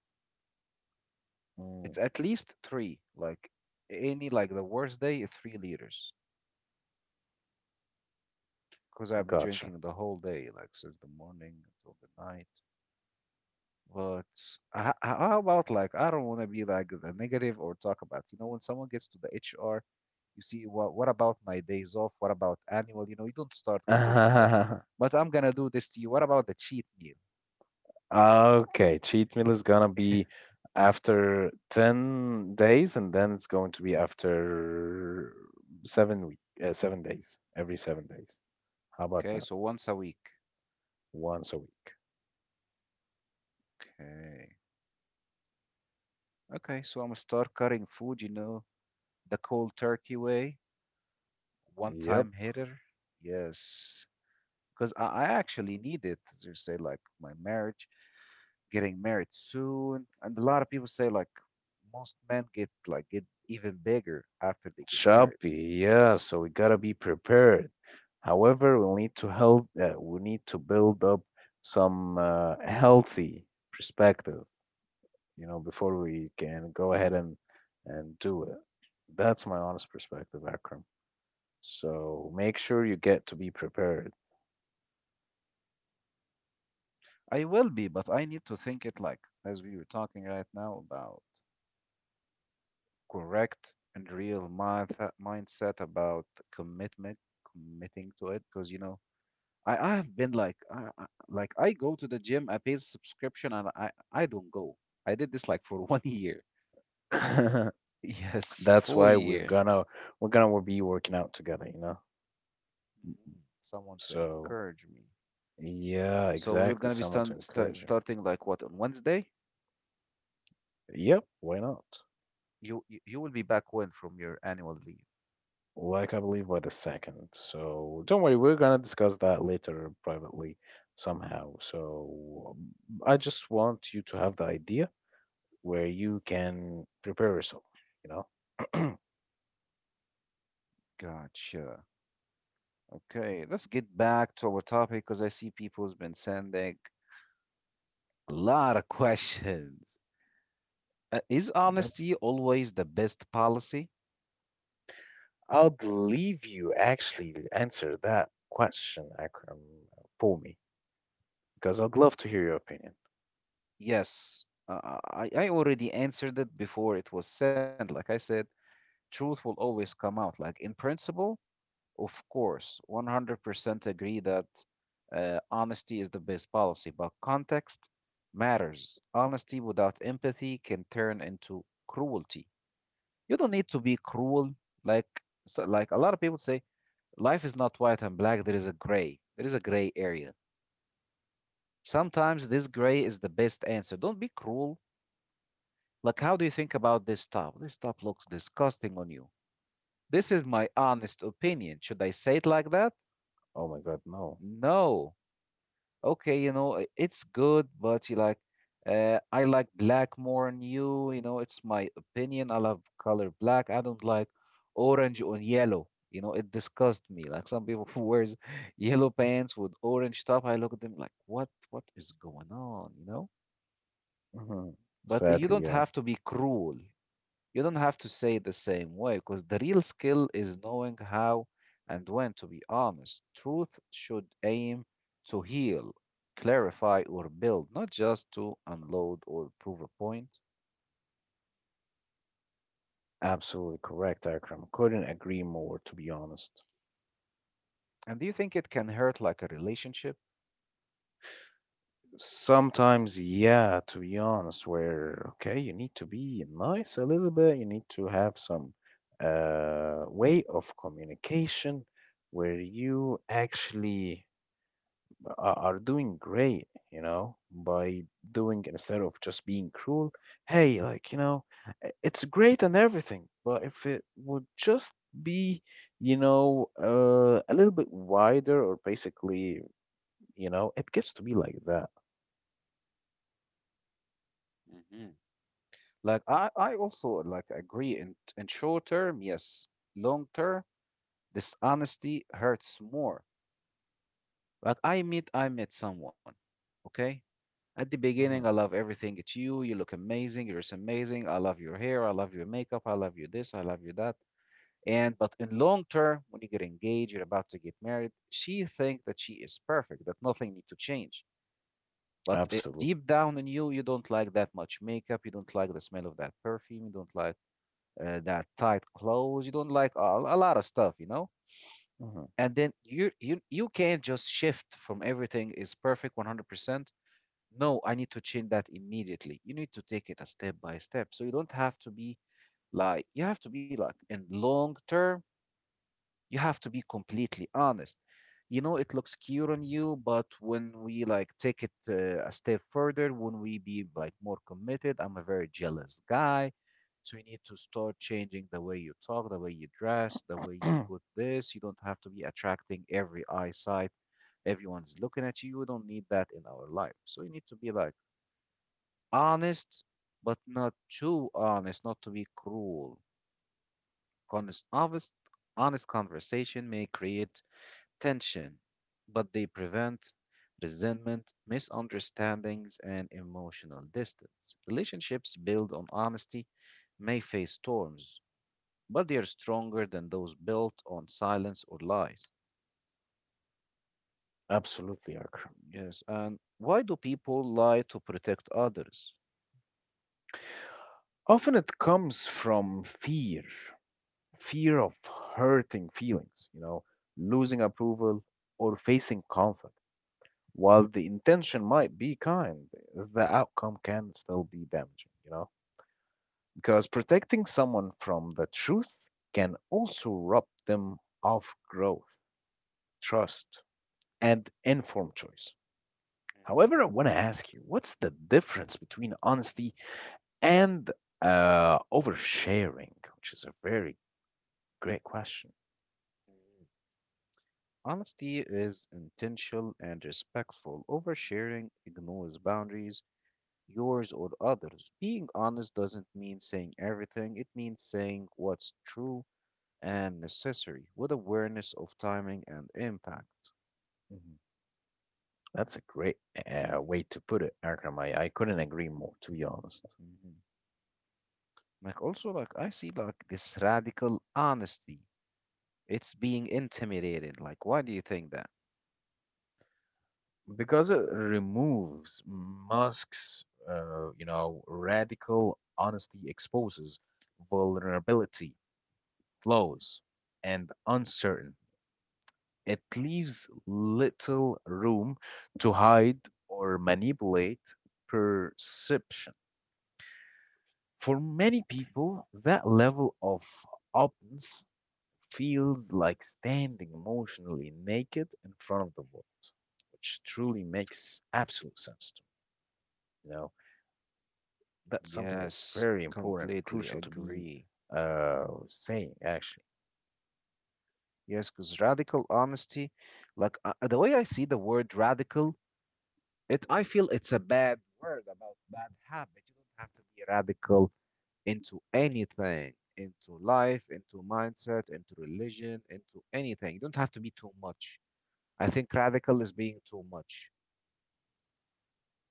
[SPEAKER 2] Mm,
[SPEAKER 1] It's at least three, like any, like the worst day, three liters, because I've been
[SPEAKER 2] gotcha.
[SPEAKER 1] drinking the whole day, like since the morning until the night. But h- h- how about like I don't want to be like the negative or talk about, you know, when someone gets to the H R, you see what what about my days off? What about annual? You know, you don't start with this, but but I'm gonna do this to you. What about the cheat meal?
[SPEAKER 2] Ah, okay, cheat meal is gonna be after ten days, and then it's going to be after seven week, uh, seven days, every seven days. How about
[SPEAKER 1] Okay,
[SPEAKER 2] that?
[SPEAKER 1] so once a week.
[SPEAKER 2] Once a week.
[SPEAKER 1] Okay. Okay, so I'm gonna start cutting food, you know, the cold turkey way, one
[SPEAKER 2] Yep,
[SPEAKER 1] time hitter. Yes, because I, I actually need it. As you say, like my marriage, getting married soon, and a lot of people say like most men get like get even bigger after they get married.
[SPEAKER 2] choppy. Yeah, so we gotta be prepared. However, we'll need to health, uh, we need to build up some uh, healthy perspective, you know, before we can go ahead and and do it. That's my honest perspective, Akram. So make sure you get to be prepared.
[SPEAKER 1] I will be, but I need to think it like as we were talking right now about correct and real mind mindset about commitment, committing to it, because you know. I, I have been like I, I- like I go to the gym, I pay a subscription, and I I don't go. I did this like for one year. Yes,
[SPEAKER 2] That's
[SPEAKER 1] full
[SPEAKER 2] why we're
[SPEAKER 1] year.
[SPEAKER 2] gonna we're gonna be working out together, you know?
[SPEAKER 1] Mhm. Someone to
[SPEAKER 2] So
[SPEAKER 1] encourage me.
[SPEAKER 2] yeah,
[SPEAKER 1] So we're
[SPEAKER 2] exactly.
[SPEAKER 1] gonna be
[SPEAKER 2] Someone to
[SPEAKER 1] start, start,
[SPEAKER 2] encourage you.
[SPEAKER 1] starting like what on Wednesday?
[SPEAKER 2] Yep, why not?
[SPEAKER 1] You you you will be back when from your annual leave?
[SPEAKER 2] Like I believe by the second. So don't worry, we're gonna discuss that later privately somehow. So um, I just want you to have the idea where you can prepare yourself, you know?
[SPEAKER 1] Gotcha. Okay, let's get back to our topic because I see people's been sending a lot of questions. Uh, is
[SPEAKER 2] Yep.
[SPEAKER 1] honesty always the best policy?
[SPEAKER 2] I'd leave you actually answer that question, Akram, for me, because I'd love to hear your opinion.
[SPEAKER 1] Yes. Uh, I I already answered it before it was sent. Like I said, truth will always come out. Like in principle, of course, one hundred percent agree that uh, honesty is the best policy, but context matters. Honesty without empathy can turn into cruelty. You don't need to be cruel. Like so- like a lot of people say, life is not white and black. There is a gray. There is a gray area. Sometimes this gray is the best answer. Don't be cruel. Like, how do you think about this stuff? This stuff looks disgusting on you. This is my honest opinion. Should I say it like that?
[SPEAKER 2] Oh my God, no.
[SPEAKER 1] No. Okay, you know, i- it's good, but you like, uh, I like black more than you. You know, it's my opinion. I love color black. I don't like orange or yellow. You know, it disgusts me. Like some people who wears yellow pants with orange top, I look at them like, what, what is going on? You know,
[SPEAKER 2] Hmm.
[SPEAKER 1] but you
[SPEAKER 2] Sadly,
[SPEAKER 1] don't
[SPEAKER 2] yeah.
[SPEAKER 1] have to be cruel. You don't have to say it the same way because the real skill is knowing how and when to be honest. Truth should aim to heal, clarify, or build, not just to unload or prove a point.
[SPEAKER 2] Absolutely correct, Akram. Couldn't agree more, to be honest.
[SPEAKER 1] And do you think it can hurt like a relationship?
[SPEAKER 2] Sometimes, yeah, to be honest, where okay, you need to be nice a little bit, you need to have some uh, way of communication where you actually a- are doing great, you know, by doing instead of just being cruel. Hey, like, you know, i- it's great and everything, but if it would just be, you know, uh, a little bit wider or basically, you know, it gets to be like that.
[SPEAKER 1] Hmm. Like I, I also like agree in in short term, yes. Long term, dishonesty hurts more. Like I meet I met someone, okay? At the beginning, I
[SPEAKER 2] Mhm.
[SPEAKER 1] love everything. It's you. You look amazing. You're so amazing. I love your hair. I love your makeup. I love you this. I love you that. And but in long term, when you get engaged, you're about to get married. She thinks that she is perfect, that nothing needs to change. But uh,
[SPEAKER 2] Absolutely.
[SPEAKER 1] deep down in you, you don't like that much makeup. You don't like the smell of that perfume. You don't like uh, that tight clothes. You don't like a, a lot of stuff. You know.
[SPEAKER 2] Mhm.
[SPEAKER 1] And then you you you can't just shift from everything is perfect one hundred percent, no, I need to change that immediately. You need to take it a step by step. So you don't have to be like, you have to be like, in long term, you have to be completely honest. You know, it looks cute on you, but when we like take it uh, a step further, when we be like more committed, I'm a very jealous guy. So you need to start changing the way you talk, the way you dress, the way you put this. You don't have to be attracting every eyesight. Everyone's looking at you. We don't need that in our life. So you need to be like, honest, but not too honest, not to be cruel. Honest, honest, honest conversation may create tension, but they prevent resentment, misunderstandings, and emotional distance. Relationships built on honesty may face storms, but they are stronger than those built on silence or lies.
[SPEAKER 2] Absolutely, Akram.
[SPEAKER 1] Yes, and why do people lie to protect others?
[SPEAKER 2] Often it comes from fear, fear of hurting feelings, you know, losing approval or facing conflict. While the intention might be kind, the outcome can still be damaging, you know? Because protecting someone from the truth can also rob them of growth, trust, and informed choice.
[SPEAKER 1] Mhm,
[SPEAKER 2] However, I want to ask you, what's the difference between honesty and uh, oversharing, which is a very great question.
[SPEAKER 1] mhm. Honesty is intentional and respectful. Oversharing ignores boundaries, yours or others. Being honest doesn't mean saying everything, it means saying what's true and necessary with awareness of timing and impact.
[SPEAKER 2] Mhm. That's a great uh, way to put it, Akram. I, I couldn't agree more, to be honest,
[SPEAKER 1] Mhm. Like, also, like, I see, like, this radical honesty. It's being intimidated. Like, why do you think that?
[SPEAKER 2] because it removes Musk's, uh, you know, radical honesty exposes vulnerability, flaws, and uncertainty. It leaves little room to hide or manipulate perception. For many people, that level of openness feels like standing emotionally naked in front of the world, which truly makes absolute sense to me. You know, that something is
[SPEAKER 1] Yes,
[SPEAKER 2] very important,
[SPEAKER 1] completely
[SPEAKER 2] crucial to be
[SPEAKER 1] agree.
[SPEAKER 2] uh, saying, actually.
[SPEAKER 1] Yes, because radical honesty, like, uh, the way I see the word radical, It I feel it's a bad word about bad habit. You don't have to be radical into anything, into life, into mindset, into religion, into anything. You don't have to be too much. I think radical is being too much.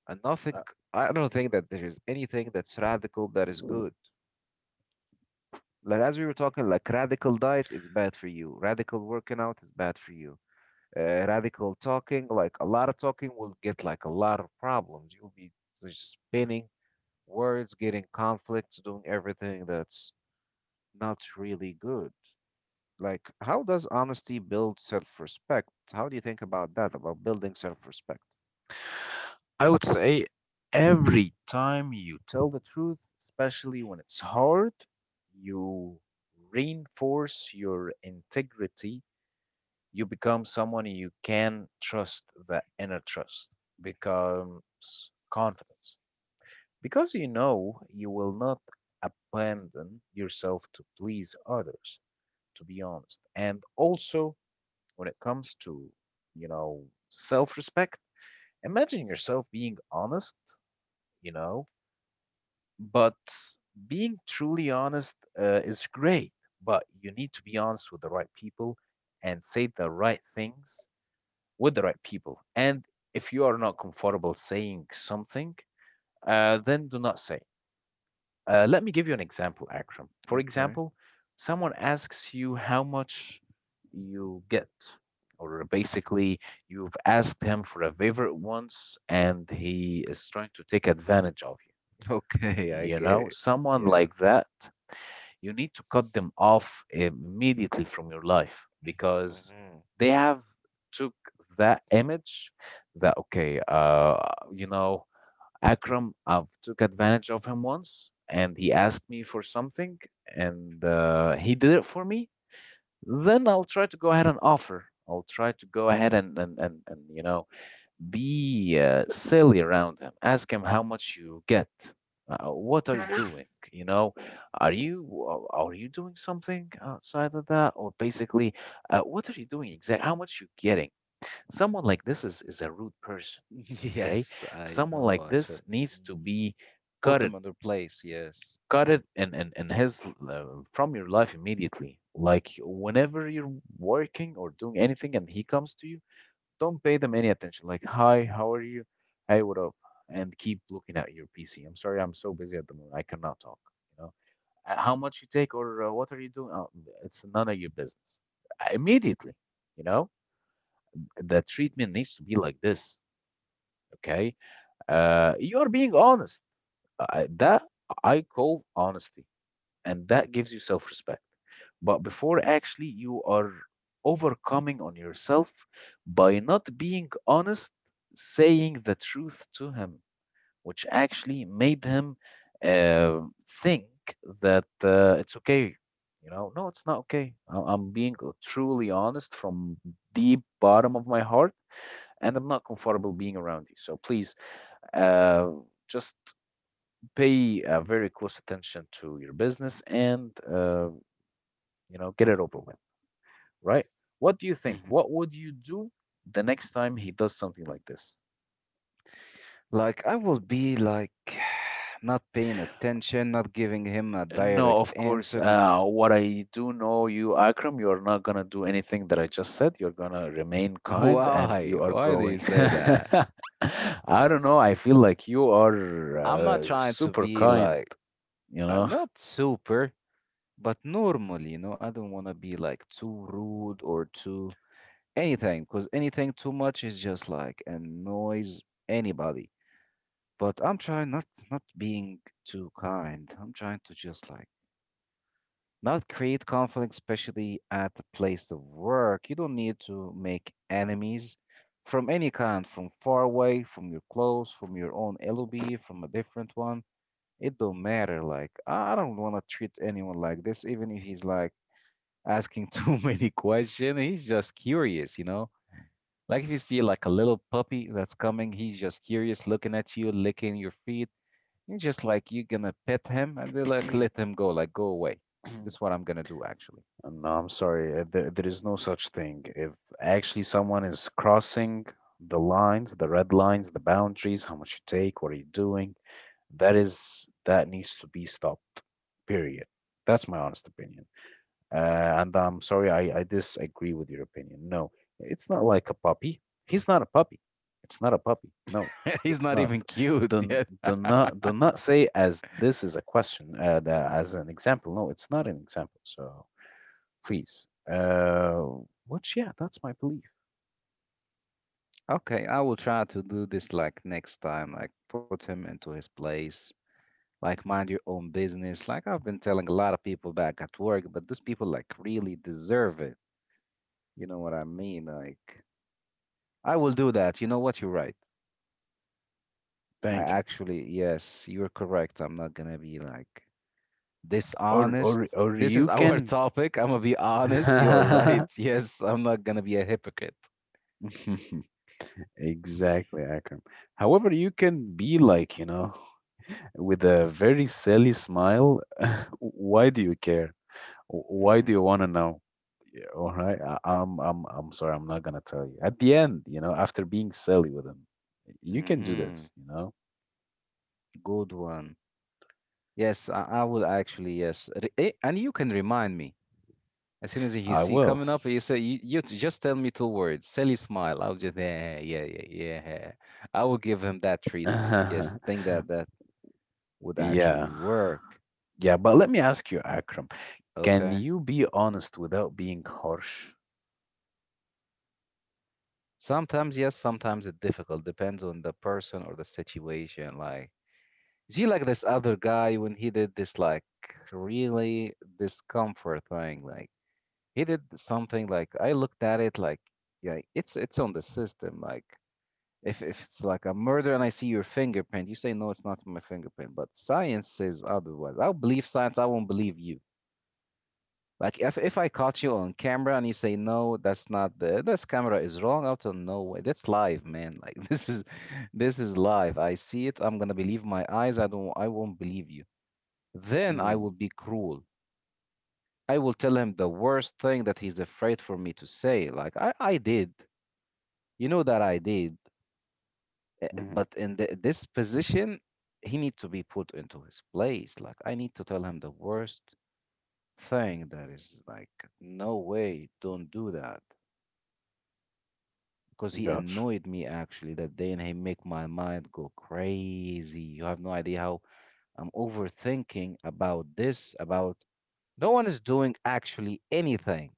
[SPEAKER 1] And nothing,
[SPEAKER 2] Uh,
[SPEAKER 1] I don't think that there is anything that's radical that is good. Like as we were talking, like radical diet is bad for you. Radical working out is bad for you. Uh, radical talking, like a lot of talking will get like a lot of problems. You'll be just spinning words getting conflicts, doing everything that's not really good. Like, how does honesty build self respect? How do you think about that, about building self respect?
[SPEAKER 2] I would say every time you tell the truth, especially when it's hard, you reinforce your integrity. You become someone you can trust. The inner trust becomes confidence because you know you will not abandon yourself to please others, to be honest. And also when it comes to, you know, self-respect, imagine yourself being honest, you know, but being truly honest uh, is great. But you need to be honest with the right people and say the right things with the right people. And if you are not comfortable saying something, uh, then do not say. Uh, let me give you an example, Akram. For
[SPEAKER 1] Okay.
[SPEAKER 2] example, someone asks you how much you get, or basically, you've asked him for a favor once and he is trying to take advantage of you.
[SPEAKER 1] Okay, I
[SPEAKER 2] You
[SPEAKER 1] get
[SPEAKER 2] know,
[SPEAKER 1] it.
[SPEAKER 2] someone
[SPEAKER 1] Yeah.
[SPEAKER 2] like that, you need to cut them off immediately from your life because
[SPEAKER 1] Hmm.
[SPEAKER 2] they have took that image that okay, uh, you know, Akram, I've took advantage of him once and he asked me for something and uh, he did it for me. Then I'll try to go ahead and offer. I'll try to go ahead and and and, and you know be uh, silly around him. Ask him how much you get. Uh, what are you doing? You know, are you a- are you doing something outside of that, or basically, uh, what are you doing exactly? How much you getting? Someone like this is is a rude person. Okay,
[SPEAKER 1] Yes, I
[SPEAKER 2] someone
[SPEAKER 1] know
[SPEAKER 2] like
[SPEAKER 1] I should.
[SPEAKER 2] this needs to
[SPEAKER 1] Mhm.
[SPEAKER 2] be
[SPEAKER 1] Put
[SPEAKER 2] cut it,
[SPEAKER 1] them in their place. Yes.
[SPEAKER 2] cut it and and, and his uh, from your life immediately. Like whenever you're working or doing anything, and he comes to you, don't pay them any attention. Like, hi, how are you? Hey, what up? And keep looking at your P C. I'm sorry, I'm so busy at the moment. I cannot talk. You know, Uh, how much you take or uh, what are you doing? Oh, it's none of your business. Uh, Immediately, you know, the treatment needs to be like this. Okay, uh, you are being honest. Uh, that I call honesty, and that gives you self-respect. But before, actually, you are overcoming on yourself by not being honest, saying the truth to him, which actually made him uh, think that uh, it's okay. You know, no, it's not okay. I- I'm being truly honest from deep bottom of my heart, and I'm not comfortable being around you, so please, uh, just pay uh, very close attention to your business and, uh, you know, get it over with, right? What do you think?
[SPEAKER 1] Hmm.
[SPEAKER 2] What would you do the next time he does something like this?
[SPEAKER 1] Like, I will be like not paying attention, not giving him a
[SPEAKER 2] No,
[SPEAKER 1] direct
[SPEAKER 2] of course.
[SPEAKER 1] answer. Like,
[SPEAKER 2] Uh, what I do know, you, Akram, you are not gonna do anything that I just said. You're gonna remain kind, and
[SPEAKER 1] why?
[SPEAKER 2] you are
[SPEAKER 1] Why do you
[SPEAKER 2] going.
[SPEAKER 1] say that?
[SPEAKER 2] I don't know. I feel like you are
[SPEAKER 1] I'm not
[SPEAKER 2] uh,
[SPEAKER 1] trying to
[SPEAKER 2] super
[SPEAKER 1] be
[SPEAKER 2] kind.
[SPEAKER 1] like
[SPEAKER 2] You
[SPEAKER 1] uh,
[SPEAKER 2] know.
[SPEAKER 1] not super, but normal, you know. I don't want to be like too rude or too anything, because anything too much is just like annoys anybody. But I'm trying not not being too kind. I'm trying to just like not create conflict, especially at the place of work. You don't need to make enemies from any kind, from far away, from your close, from your own L O B, from a different one. It don't matter. Like, I don't want to treat anyone like this, even if he's like asking too many questions. He's just curious, you know. Like if you see like a little puppy that's coming, he's just curious, looking at you, licking your feet. He's just like you're gonna pet him and then like let him go, like go away. That's what I'm gonna do actually.
[SPEAKER 2] Uh, no, I'm sorry. uh, There, there is no such thing. If actually someone is crossing the lines, the red lines, the boundaries, how much you take, what are you doing, that is that needs to be stopped. Period. That's my honest opinion. Uh, and I'm sorry, I, I disagree with your opinion. No, it's not like a puppy. He's not a puppy. It's not a puppy. No,
[SPEAKER 1] He's
[SPEAKER 2] it's
[SPEAKER 1] not
[SPEAKER 2] not.
[SPEAKER 1] even cute
[SPEAKER 2] Do,
[SPEAKER 1] yet.
[SPEAKER 2] do not do not say as this is a question, uh, the- as an example. No, it's not an example. So please. Uh, which, yeah, that's my belief.
[SPEAKER 1] Okay, I will try to do this like next time, like put him into his place, like mind your own business. Like I've been telling a lot of people back at work, but those people like really deserve it, you know what I mean? Like I will do that. You know what, you're right. I
[SPEAKER 2] Thank you.
[SPEAKER 1] actually, yes, you're correct, I'm not gonna be like
[SPEAKER 2] Or
[SPEAKER 1] dishonest.
[SPEAKER 2] or or
[SPEAKER 1] This is
[SPEAKER 2] you
[SPEAKER 1] our
[SPEAKER 2] can.
[SPEAKER 1] topic, I'm gonna be honest. You're right. Yes, I'm not gonna be a hypocrite.
[SPEAKER 2] Exactly, Akram. However, you can be like, you know, with a very silly smile. Why do you care? Why do you want to know? All right. I, I'm I'm I'm sorry. I'm not gonna tell you. At the end, you know, after being silly with him, you can do
[SPEAKER 1] Mm-hmm.
[SPEAKER 2] this. You know,
[SPEAKER 1] Good one. Yes, I, I will actually, yes. Re- eh, and you can remind me. As soon as he
[SPEAKER 2] I
[SPEAKER 1] see
[SPEAKER 2] will.
[SPEAKER 1] coming up, you say, you, you t- just tell me two words, silly smile. I'll just, yeah, yeah, yeah, yeah. I will give him that treatment. Yes,
[SPEAKER 2] Yeah,
[SPEAKER 1] I think that that would
[SPEAKER 2] yeah.
[SPEAKER 1] actually work.
[SPEAKER 2] But let me ask you, Akram. Can
[SPEAKER 1] Okay.
[SPEAKER 2] you be honest without being harsh?
[SPEAKER 1] Sometimes, yes, sometimes it's difficult. Depends on the person or the situation. Like, see, like this other guy when he did this, like, really discomfort thing. Like, he did something like, I looked at it like, yeah, it's it's on the system. Like, If if it's like a murder and I see your fingerprint, you say no, it's not my fingerprint. But science says otherwise. I'll believe science. I won't believe you. Like if if I caught you on camera and you say no, that's not the this camera is wrong. Out of nowhere, that's live, man. Like this is this is live. I see it. I'm gonna believe my eyes. I don't. I won't believe you. Then I
[SPEAKER 2] Mm,
[SPEAKER 1] will be cruel. I will tell him the worst thing that he's afraid for me to say. Like I I did. You know that I did. Uh,
[SPEAKER 2] hmm.
[SPEAKER 1] But in the, this position, he need to be put into his place. Like I need to tell him the worst thing that is like, no way, don't do that. Because he
[SPEAKER 2] Gotcha.
[SPEAKER 1] annoyed me actually that day, and he make my mind go crazy. You have no idea how I'm overthinking about this. About no one is doing actually anything.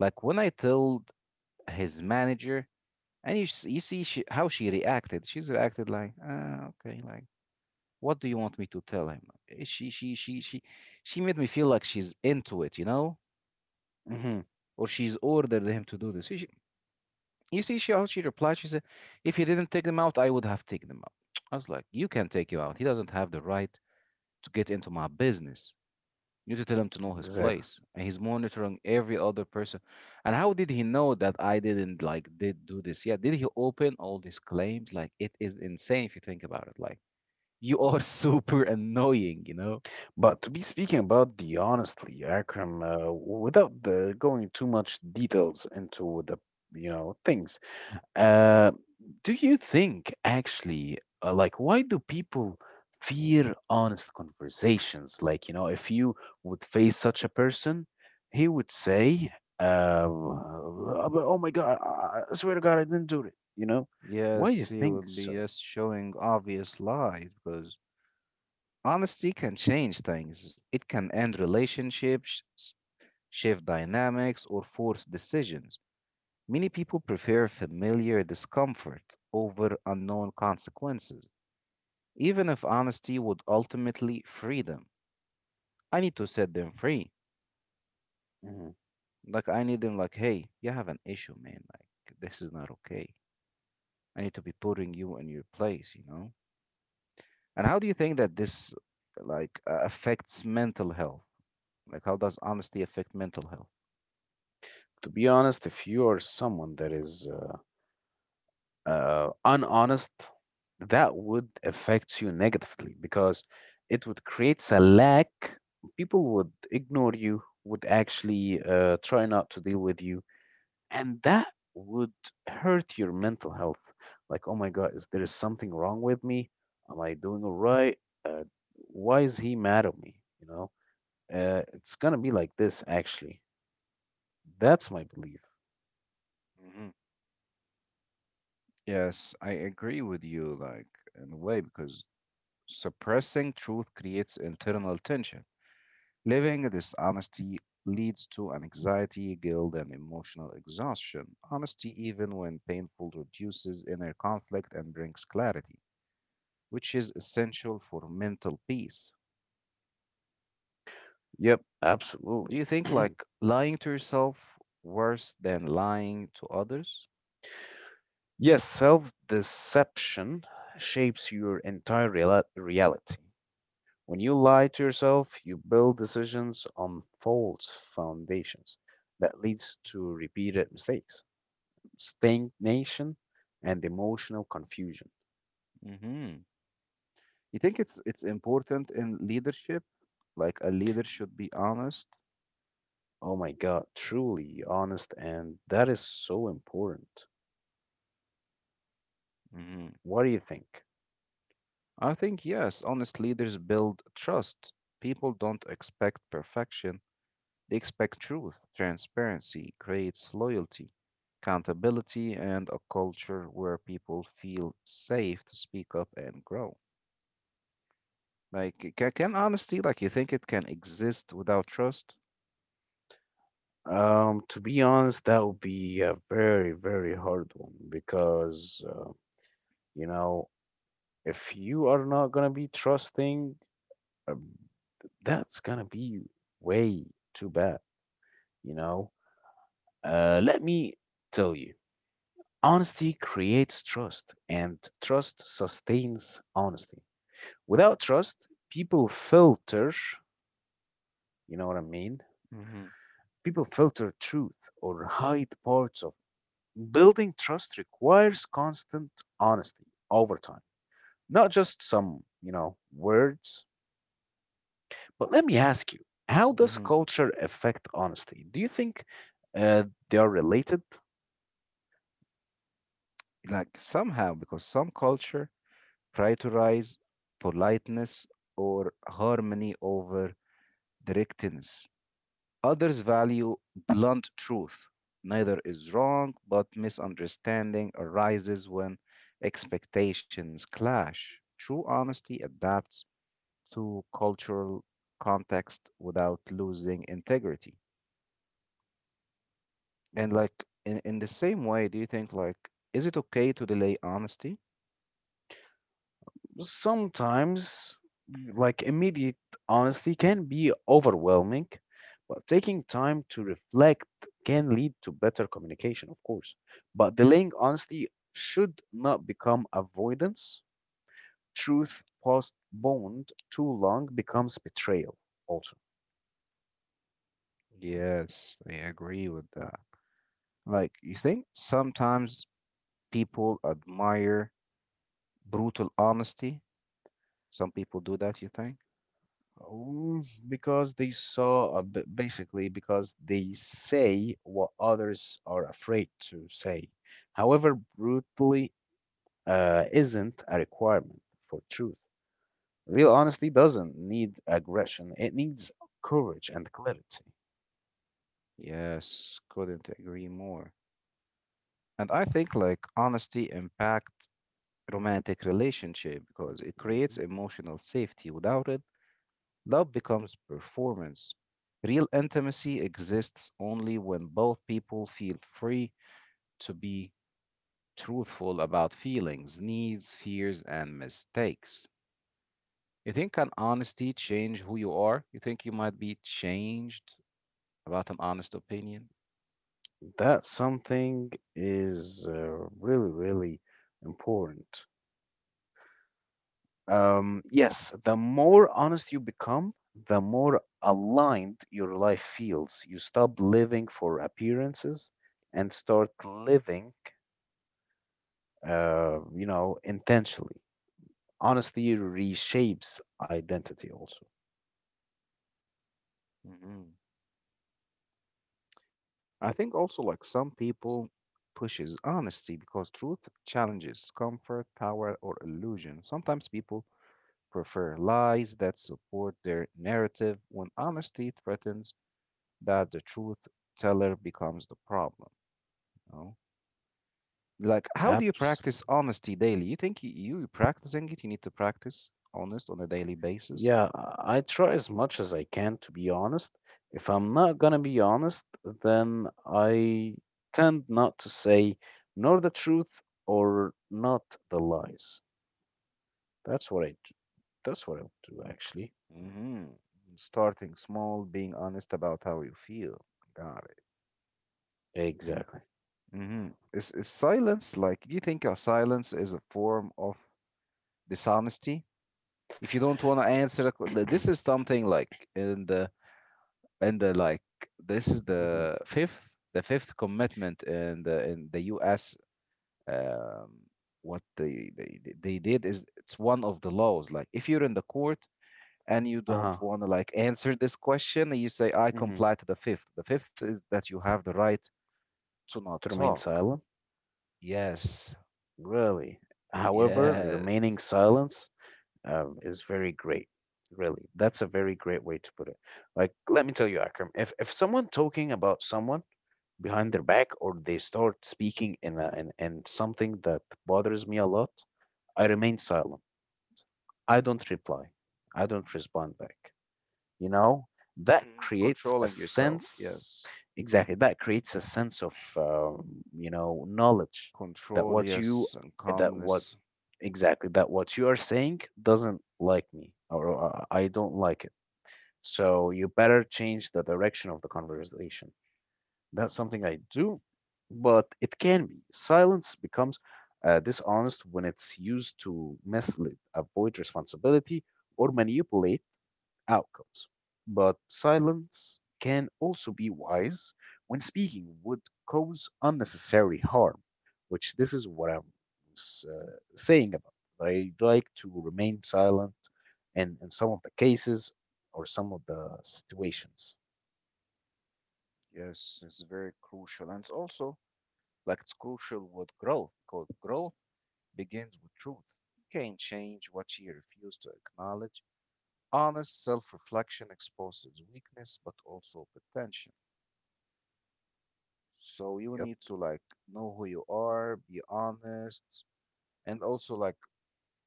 [SPEAKER 1] Like when I told his manager, and you, s- you see she, how she reacted. She's reacted like, ah, okay, like, what do you want me to tell him? Eh, She she she she she made me feel like she's into it, you know,
[SPEAKER 2] Hmm.
[SPEAKER 1] or she's ordered him to do this. She, she- you see, she how she replied. She said, "If he didn't take them out, I would have taken them out." I was like, "You can take you out. He doesn't have the right to get into my business. You need to tell him to know his
[SPEAKER 2] Exactly.
[SPEAKER 1] place, and he's monitoring every other person. And how did he know that I didn't like did do this? Yeah, did he open all these claims? Like, it is insane if you think about it. Like, you are
[SPEAKER 2] Mhm.
[SPEAKER 1] super annoying, you know."
[SPEAKER 2] But to be speaking about the honestly, Akram, uh, without the going too much details into the, you know, things. Uh, do you think actually, uh, like, why do people fear honest conversations? Like, you know, if you would face such a person, he would say, uh, "Oh but- oh my God, I I swear to God, I didn't do it." You know, why do you
[SPEAKER 1] Yes, he
[SPEAKER 2] think
[SPEAKER 1] would be
[SPEAKER 2] so?
[SPEAKER 1] just showing obvious lies because honesty can change things. It can end relationships, s- shift dynamics, or force decisions. Many people prefer familiar discomfort over unknown consequences, even if honesty would ultimately free them. I need to set them free.
[SPEAKER 2] Mhm.
[SPEAKER 1] Like, I need them, like, hey, you have an issue, man. Like, this is not okay. I need to be putting you in your place, you know? And how do you think that this like uh, affects mental health? Like how does honesty affect mental health?
[SPEAKER 2] To be honest, if you are someone that is uh, uh, unhonest, that would affect you negatively because it would create a lack. People would ignore you, would actually uh, try not to deal with you, and that would hurt your mental health. Like, oh my God, is there something wrong with me? Am I doing all right? Uh, why is he mad at me? You know, uh, it's gonna be like this. Actually, that's my belief.
[SPEAKER 1] Hmm. Yes, I agree with you, like, in a way, because suppressing truth creates internal tension. Living this honesty leads to an anxiety, guilt, and emotional exhaustion. Honesty, even when painful, reduces inner conflict and brings clarity, which is essential for mental peace.
[SPEAKER 2] Yep,
[SPEAKER 1] Do
[SPEAKER 2] absolutely.
[SPEAKER 1] you think like lying to yourself worse than lying to others?
[SPEAKER 2] Yes, self deception shapes your entire reala- reality. When you lie to yourself, you build decisions on false foundations that leads to repeated mistakes, stagnation, and emotional confusion.
[SPEAKER 1] Hmm. You think it's it's important in leadership? Like a leader should be honest?
[SPEAKER 2] Oh my God, truly honest, and that is so important.
[SPEAKER 1] Hmm.
[SPEAKER 2] What do you think?
[SPEAKER 1] I think yes, honest leaders build trust. People don't expect perfection. They expect truth. Transparency creates loyalty, accountability, and a culture where people feel safe to speak up and grow. Like, can, can honesty, like, you think it can exist without trust?
[SPEAKER 2] Um, to be honest, that would be a very, very hard one because, uh, you know, if you are not gonna be trusting, um, that's gonna be way too bad, you know? Uh, let me tell you, honesty creates trust, and trust sustains honesty. Without trust, people filter, you know what I mean?
[SPEAKER 1] Mhm,
[SPEAKER 2] People filter truth or hide parts of it. Building trust requires constant honesty over time, not just some, you know, words. But let me ask you, how does
[SPEAKER 1] mhm.
[SPEAKER 2] culture affect honesty? Do you think uh, they are related?
[SPEAKER 1] Like somehow, because some culture prioritize politeness or harmony over directness. Others value blunt truth. Neither is wrong, but misunderstanding arises when expectations clash. True honesty adapts to cultural context without losing integrity. And
[SPEAKER 2] Hmm.
[SPEAKER 1] like in, in the same way, do you think like is it okay to delay honesty?
[SPEAKER 2] Sometimes, like immediate honesty can be overwhelming, but taking time to reflect can lead to better communication, of course. But delaying honesty should not become avoidance. Truth postponed too long becomes betrayal, also.
[SPEAKER 1] Yes, I agree with that. Like you think sometimes people admire brutal honesty. Some people do that, you think?
[SPEAKER 2] Um, Because they saw, a b- basically, because they say what others are afraid to say. However, brutally uh, isn't a requirement for truth. Real honesty doesn't need aggression, it needs courage and clarity.
[SPEAKER 1] Yes, couldn't agree more. And I think like honesty impact romantic relationship because it creates
[SPEAKER 2] Mhm.
[SPEAKER 1] emotional safety. Without it, love becomes performance. Real intimacy exists only when both people feel free to be truthful about feelings, needs, fears, and mistakes. You think can honesty change who you are? You think you might be changed about an honest opinion.
[SPEAKER 2] That something is uh, really, really important. Um, yes, the more honest you become, the more aligned your life feels. You stop living for appearances and start living, uh, you know, intentionally. Honesty reshapes identity also.
[SPEAKER 1] Mhm. I think also like some people pushes honesty because truth challenges comfort, power, or illusion. Sometimes people prefer lies that support their narrative when honesty threatens that the truth teller becomes the problem. You know? Like, how do you practice honesty daily? You think y- you practicing it? You need to practice honest on a daily basis.
[SPEAKER 2] Yeah, I I try as much as I can, to be honest. If I'm not gonna be honest, then I tend not to say nor the truth or not the lies. That's what I do. That's what I do, actually.
[SPEAKER 1] Hmm. Starting small, being honest about how you feel. Got
[SPEAKER 2] Exactly.
[SPEAKER 1] it. Hmm. Is, is silence like, do you think a silence is a form of dishonesty? If you don't want to answer, a q- th- this is something like in the and the like this is
[SPEAKER 2] Hmm.
[SPEAKER 1] the fifth the fifth commitment in the in the U S, um, what they, they they they did is it's one of the laws. Like if you're in the court and you don't
[SPEAKER 2] Uh-huh.
[SPEAKER 1] want to like answer this question, you say I
[SPEAKER 2] Hmm.
[SPEAKER 1] comply to the fifth. The fifth is that you have the right to not
[SPEAKER 2] To remain
[SPEAKER 1] talk.
[SPEAKER 2] silent?
[SPEAKER 1] Yes.
[SPEAKER 2] Really. However,
[SPEAKER 1] Yes,
[SPEAKER 2] remaining silence um, is very great. Really. That's a very great way to put it. Like, let me tell you, Akram, if if someone talking about someone behind their back or they start speaking in, a, in, in something that bothers me a lot, I remain silent. I don't reply. I don't respond back. You know, that creates a
[SPEAKER 1] controlling yourself,
[SPEAKER 2] sense,
[SPEAKER 1] yes.
[SPEAKER 2] exactly, that creates a sense of, um, you know, knowledge that
[SPEAKER 1] Control,
[SPEAKER 2] what you,
[SPEAKER 1] yes, and
[SPEAKER 2] that what,
[SPEAKER 1] calmness.
[SPEAKER 2] exactly, that what you are saying doesn't like me or uh, I don't like it. So you better change the direction of the conversation. That's something I do, but it can be. Silence becomes uh, dishonest when it's used to mislead, avoid responsibility, or manipulate outcomes. But silence can also be wise when speaking would cause unnecessary harm, which this is what I was uh, saying about. I like to remain silent in, in some of the cases or some of the situations.
[SPEAKER 1] Yes, is very crucial. And also, like it's crucial with growth because growth begins with truth. You can't change what you refuse to acknowledge. Honest self reflection exposes weakness but also potential. So you
[SPEAKER 2] Yep.
[SPEAKER 1] need to like know who you are, be honest, and also like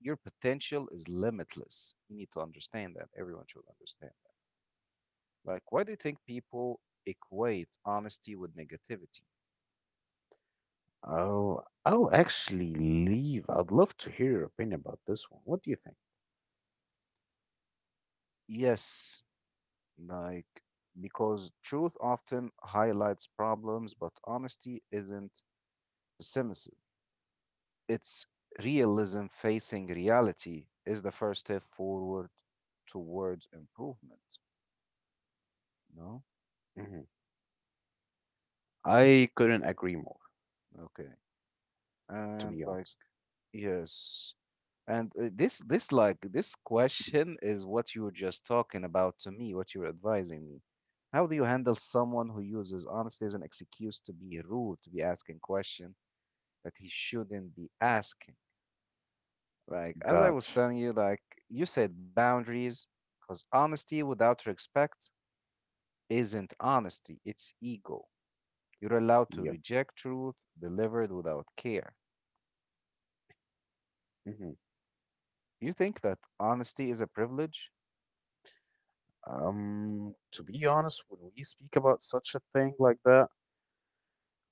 [SPEAKER 1] your potential is limitless. You need to understand that. Everyone should understand that. Like, why do you think people equate honesty with negativity?
[SPEAKER 2] Oh, I'll actually leave. I'd love to hear your opinion about this one. What do you think?
[SPEAKER 1] Yes. Like, because truth often highlights problems, but honesty isn't pessimism. It's realism. Facing reality is the first step forward towards improvement. No?
[SPEAKER 2] Hmm. I couldn't agree more,
[SPEAKER 1] Okay.
[SPEAKER 2] to
[SPEAKER 1] And
[SPEAKER 2] be
[SPEAKER 1] like,
[SPEAKER 2] honest.
[SPEAKER 1] yes. And uh, this, this, like, this question is what you were just talking about to me, what you were advising me. How do you handle someone who uses honesty as an excuse to be rude, to be asking questions that he shouldn't be asking? Like, as I was
[SPEAKER 2] Gotcha.
[SPEAKER 1] telling you, like, you said boundaries, because honesty without respect isn't honesty, it's ego. You're allowed to
[SPEAKER 2] Yep.
[SPEAKER 1] reject truth delivered without care.
[SPEAKER 2] Hmm.
[SPEAKER 1] You think that honesty is a privilege?
[SPEAKER 2] Um, to be honest, when we speak about such a thing like that,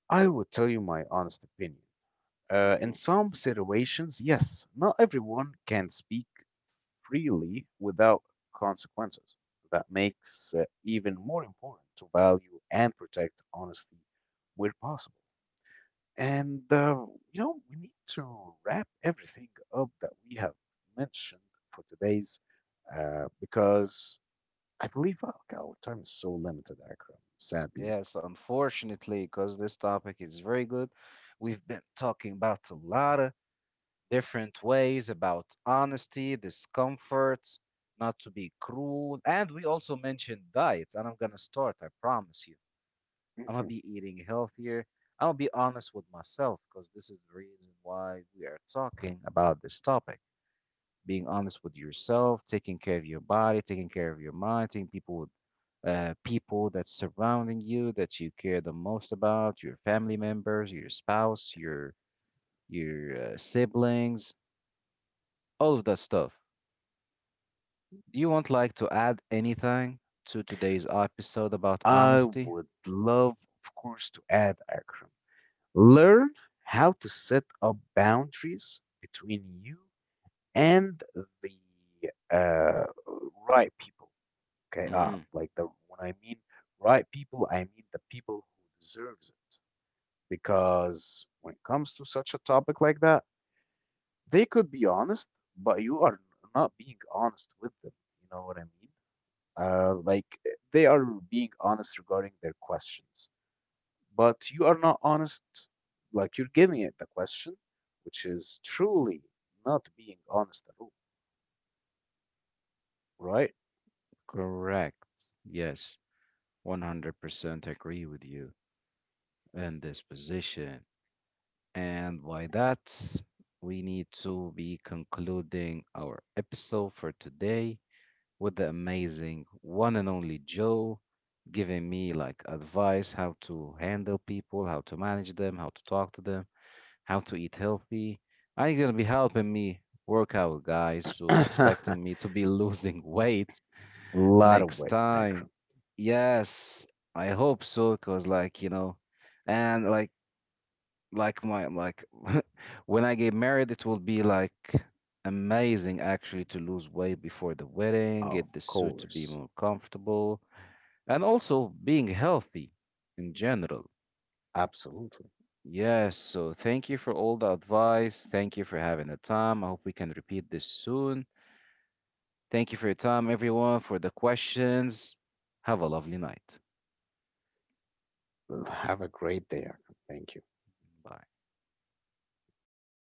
[SPEAKER 2] I would tell you my honest opinion. Uh, in
[SPEAKER 1] Hmm.
[SPEAKER 2] some situations, yes, not everyone can speak freely without consequences. That makes it even more important to value and protect honesty where possible. And uh, you know, we need to wrap everything up that we have mentioned for today's, uh, because I believe uh, our time is so limited, Akram, sadly.
[SPEAKER 1] Yes, unfortunately, because this topic is very good. We've been talking about a lot of different ways about honesty, discomfort, not to be cruel. And we also mentioned diets, and I'm gonna start, I promise you. I'm gonna
[SPEAKER 2] Mhm.
[SPEAKER 1] be eating healthier. I'm gonna be honest with myself because this is the reason why we are talking about this topic. Being honest with yourself, taking care of your body, taking care of your mind, taking people uh, people that's surrounding you that you care the most about, your family members, your spouse, your your uh, siblings, all of that stuff. Do you want like to add anything to today's episode about
[SPEAKER 2] I
[SPEAKER 1] honesty?
[SPEAKER 2] would love, of course, to add, Akram, learn how to set up boundaries between you and the uh, right people. Okay, uh,
[SPEAKER 1] Hmm.
[SPEAKER 2] like the when I mean right people, I mean the people who deserves it, because when it comes to such a topic like that, they could be honest, but you are not being honest with them. You know what I mean? Uh, like eh, they are being honest regarding their questions, but you are not honest. Like you're giving it the question, which is truly not being honest at all, right?
[SPEAKER 1] Correct. Yes, one hundred percent agree with you in this position. And by that, we need to be concluding our episode for today with the amazing one and only Joe giving me like advice how to handle people, how to manage them, how to talk to them, how to eat healthy. And he's gonna be helping me work out, guys. So
[SPEAKER 2] A
[SPEAKER 1] expecting me to be losing weight
[SPEAKER 2] lot of
[SPEAKER 1] next
[SPEAKER 2] weight,
[SPEAKER 1] time.
[SPEAKER 2] Akram.
[SPEAKER 1] Yes, I hope so, because like, you know, and like like my like when I get married, it will be like amazing actually to lose weight before the wedding,
[SPEAKER 2] Of
[SPEAKER 1] get the suit to be
[SPEAKER 2] course.
[SPEAKER 1] more comfortable, and also being healthy in general.
[SPEAKER 2] Absolutely.
[SPEAKER 1] Yes, so thank you for all the advice. Thank you for having the time. I hope we can repeat this soon. Thank you for your time, everyone, for the questions. Have a lovely night.
[SPEAKER 2] Have a great day, Akram. Thank you.
[SPEAKER 1] Bye.
[SPEAKER 2] Bye bye.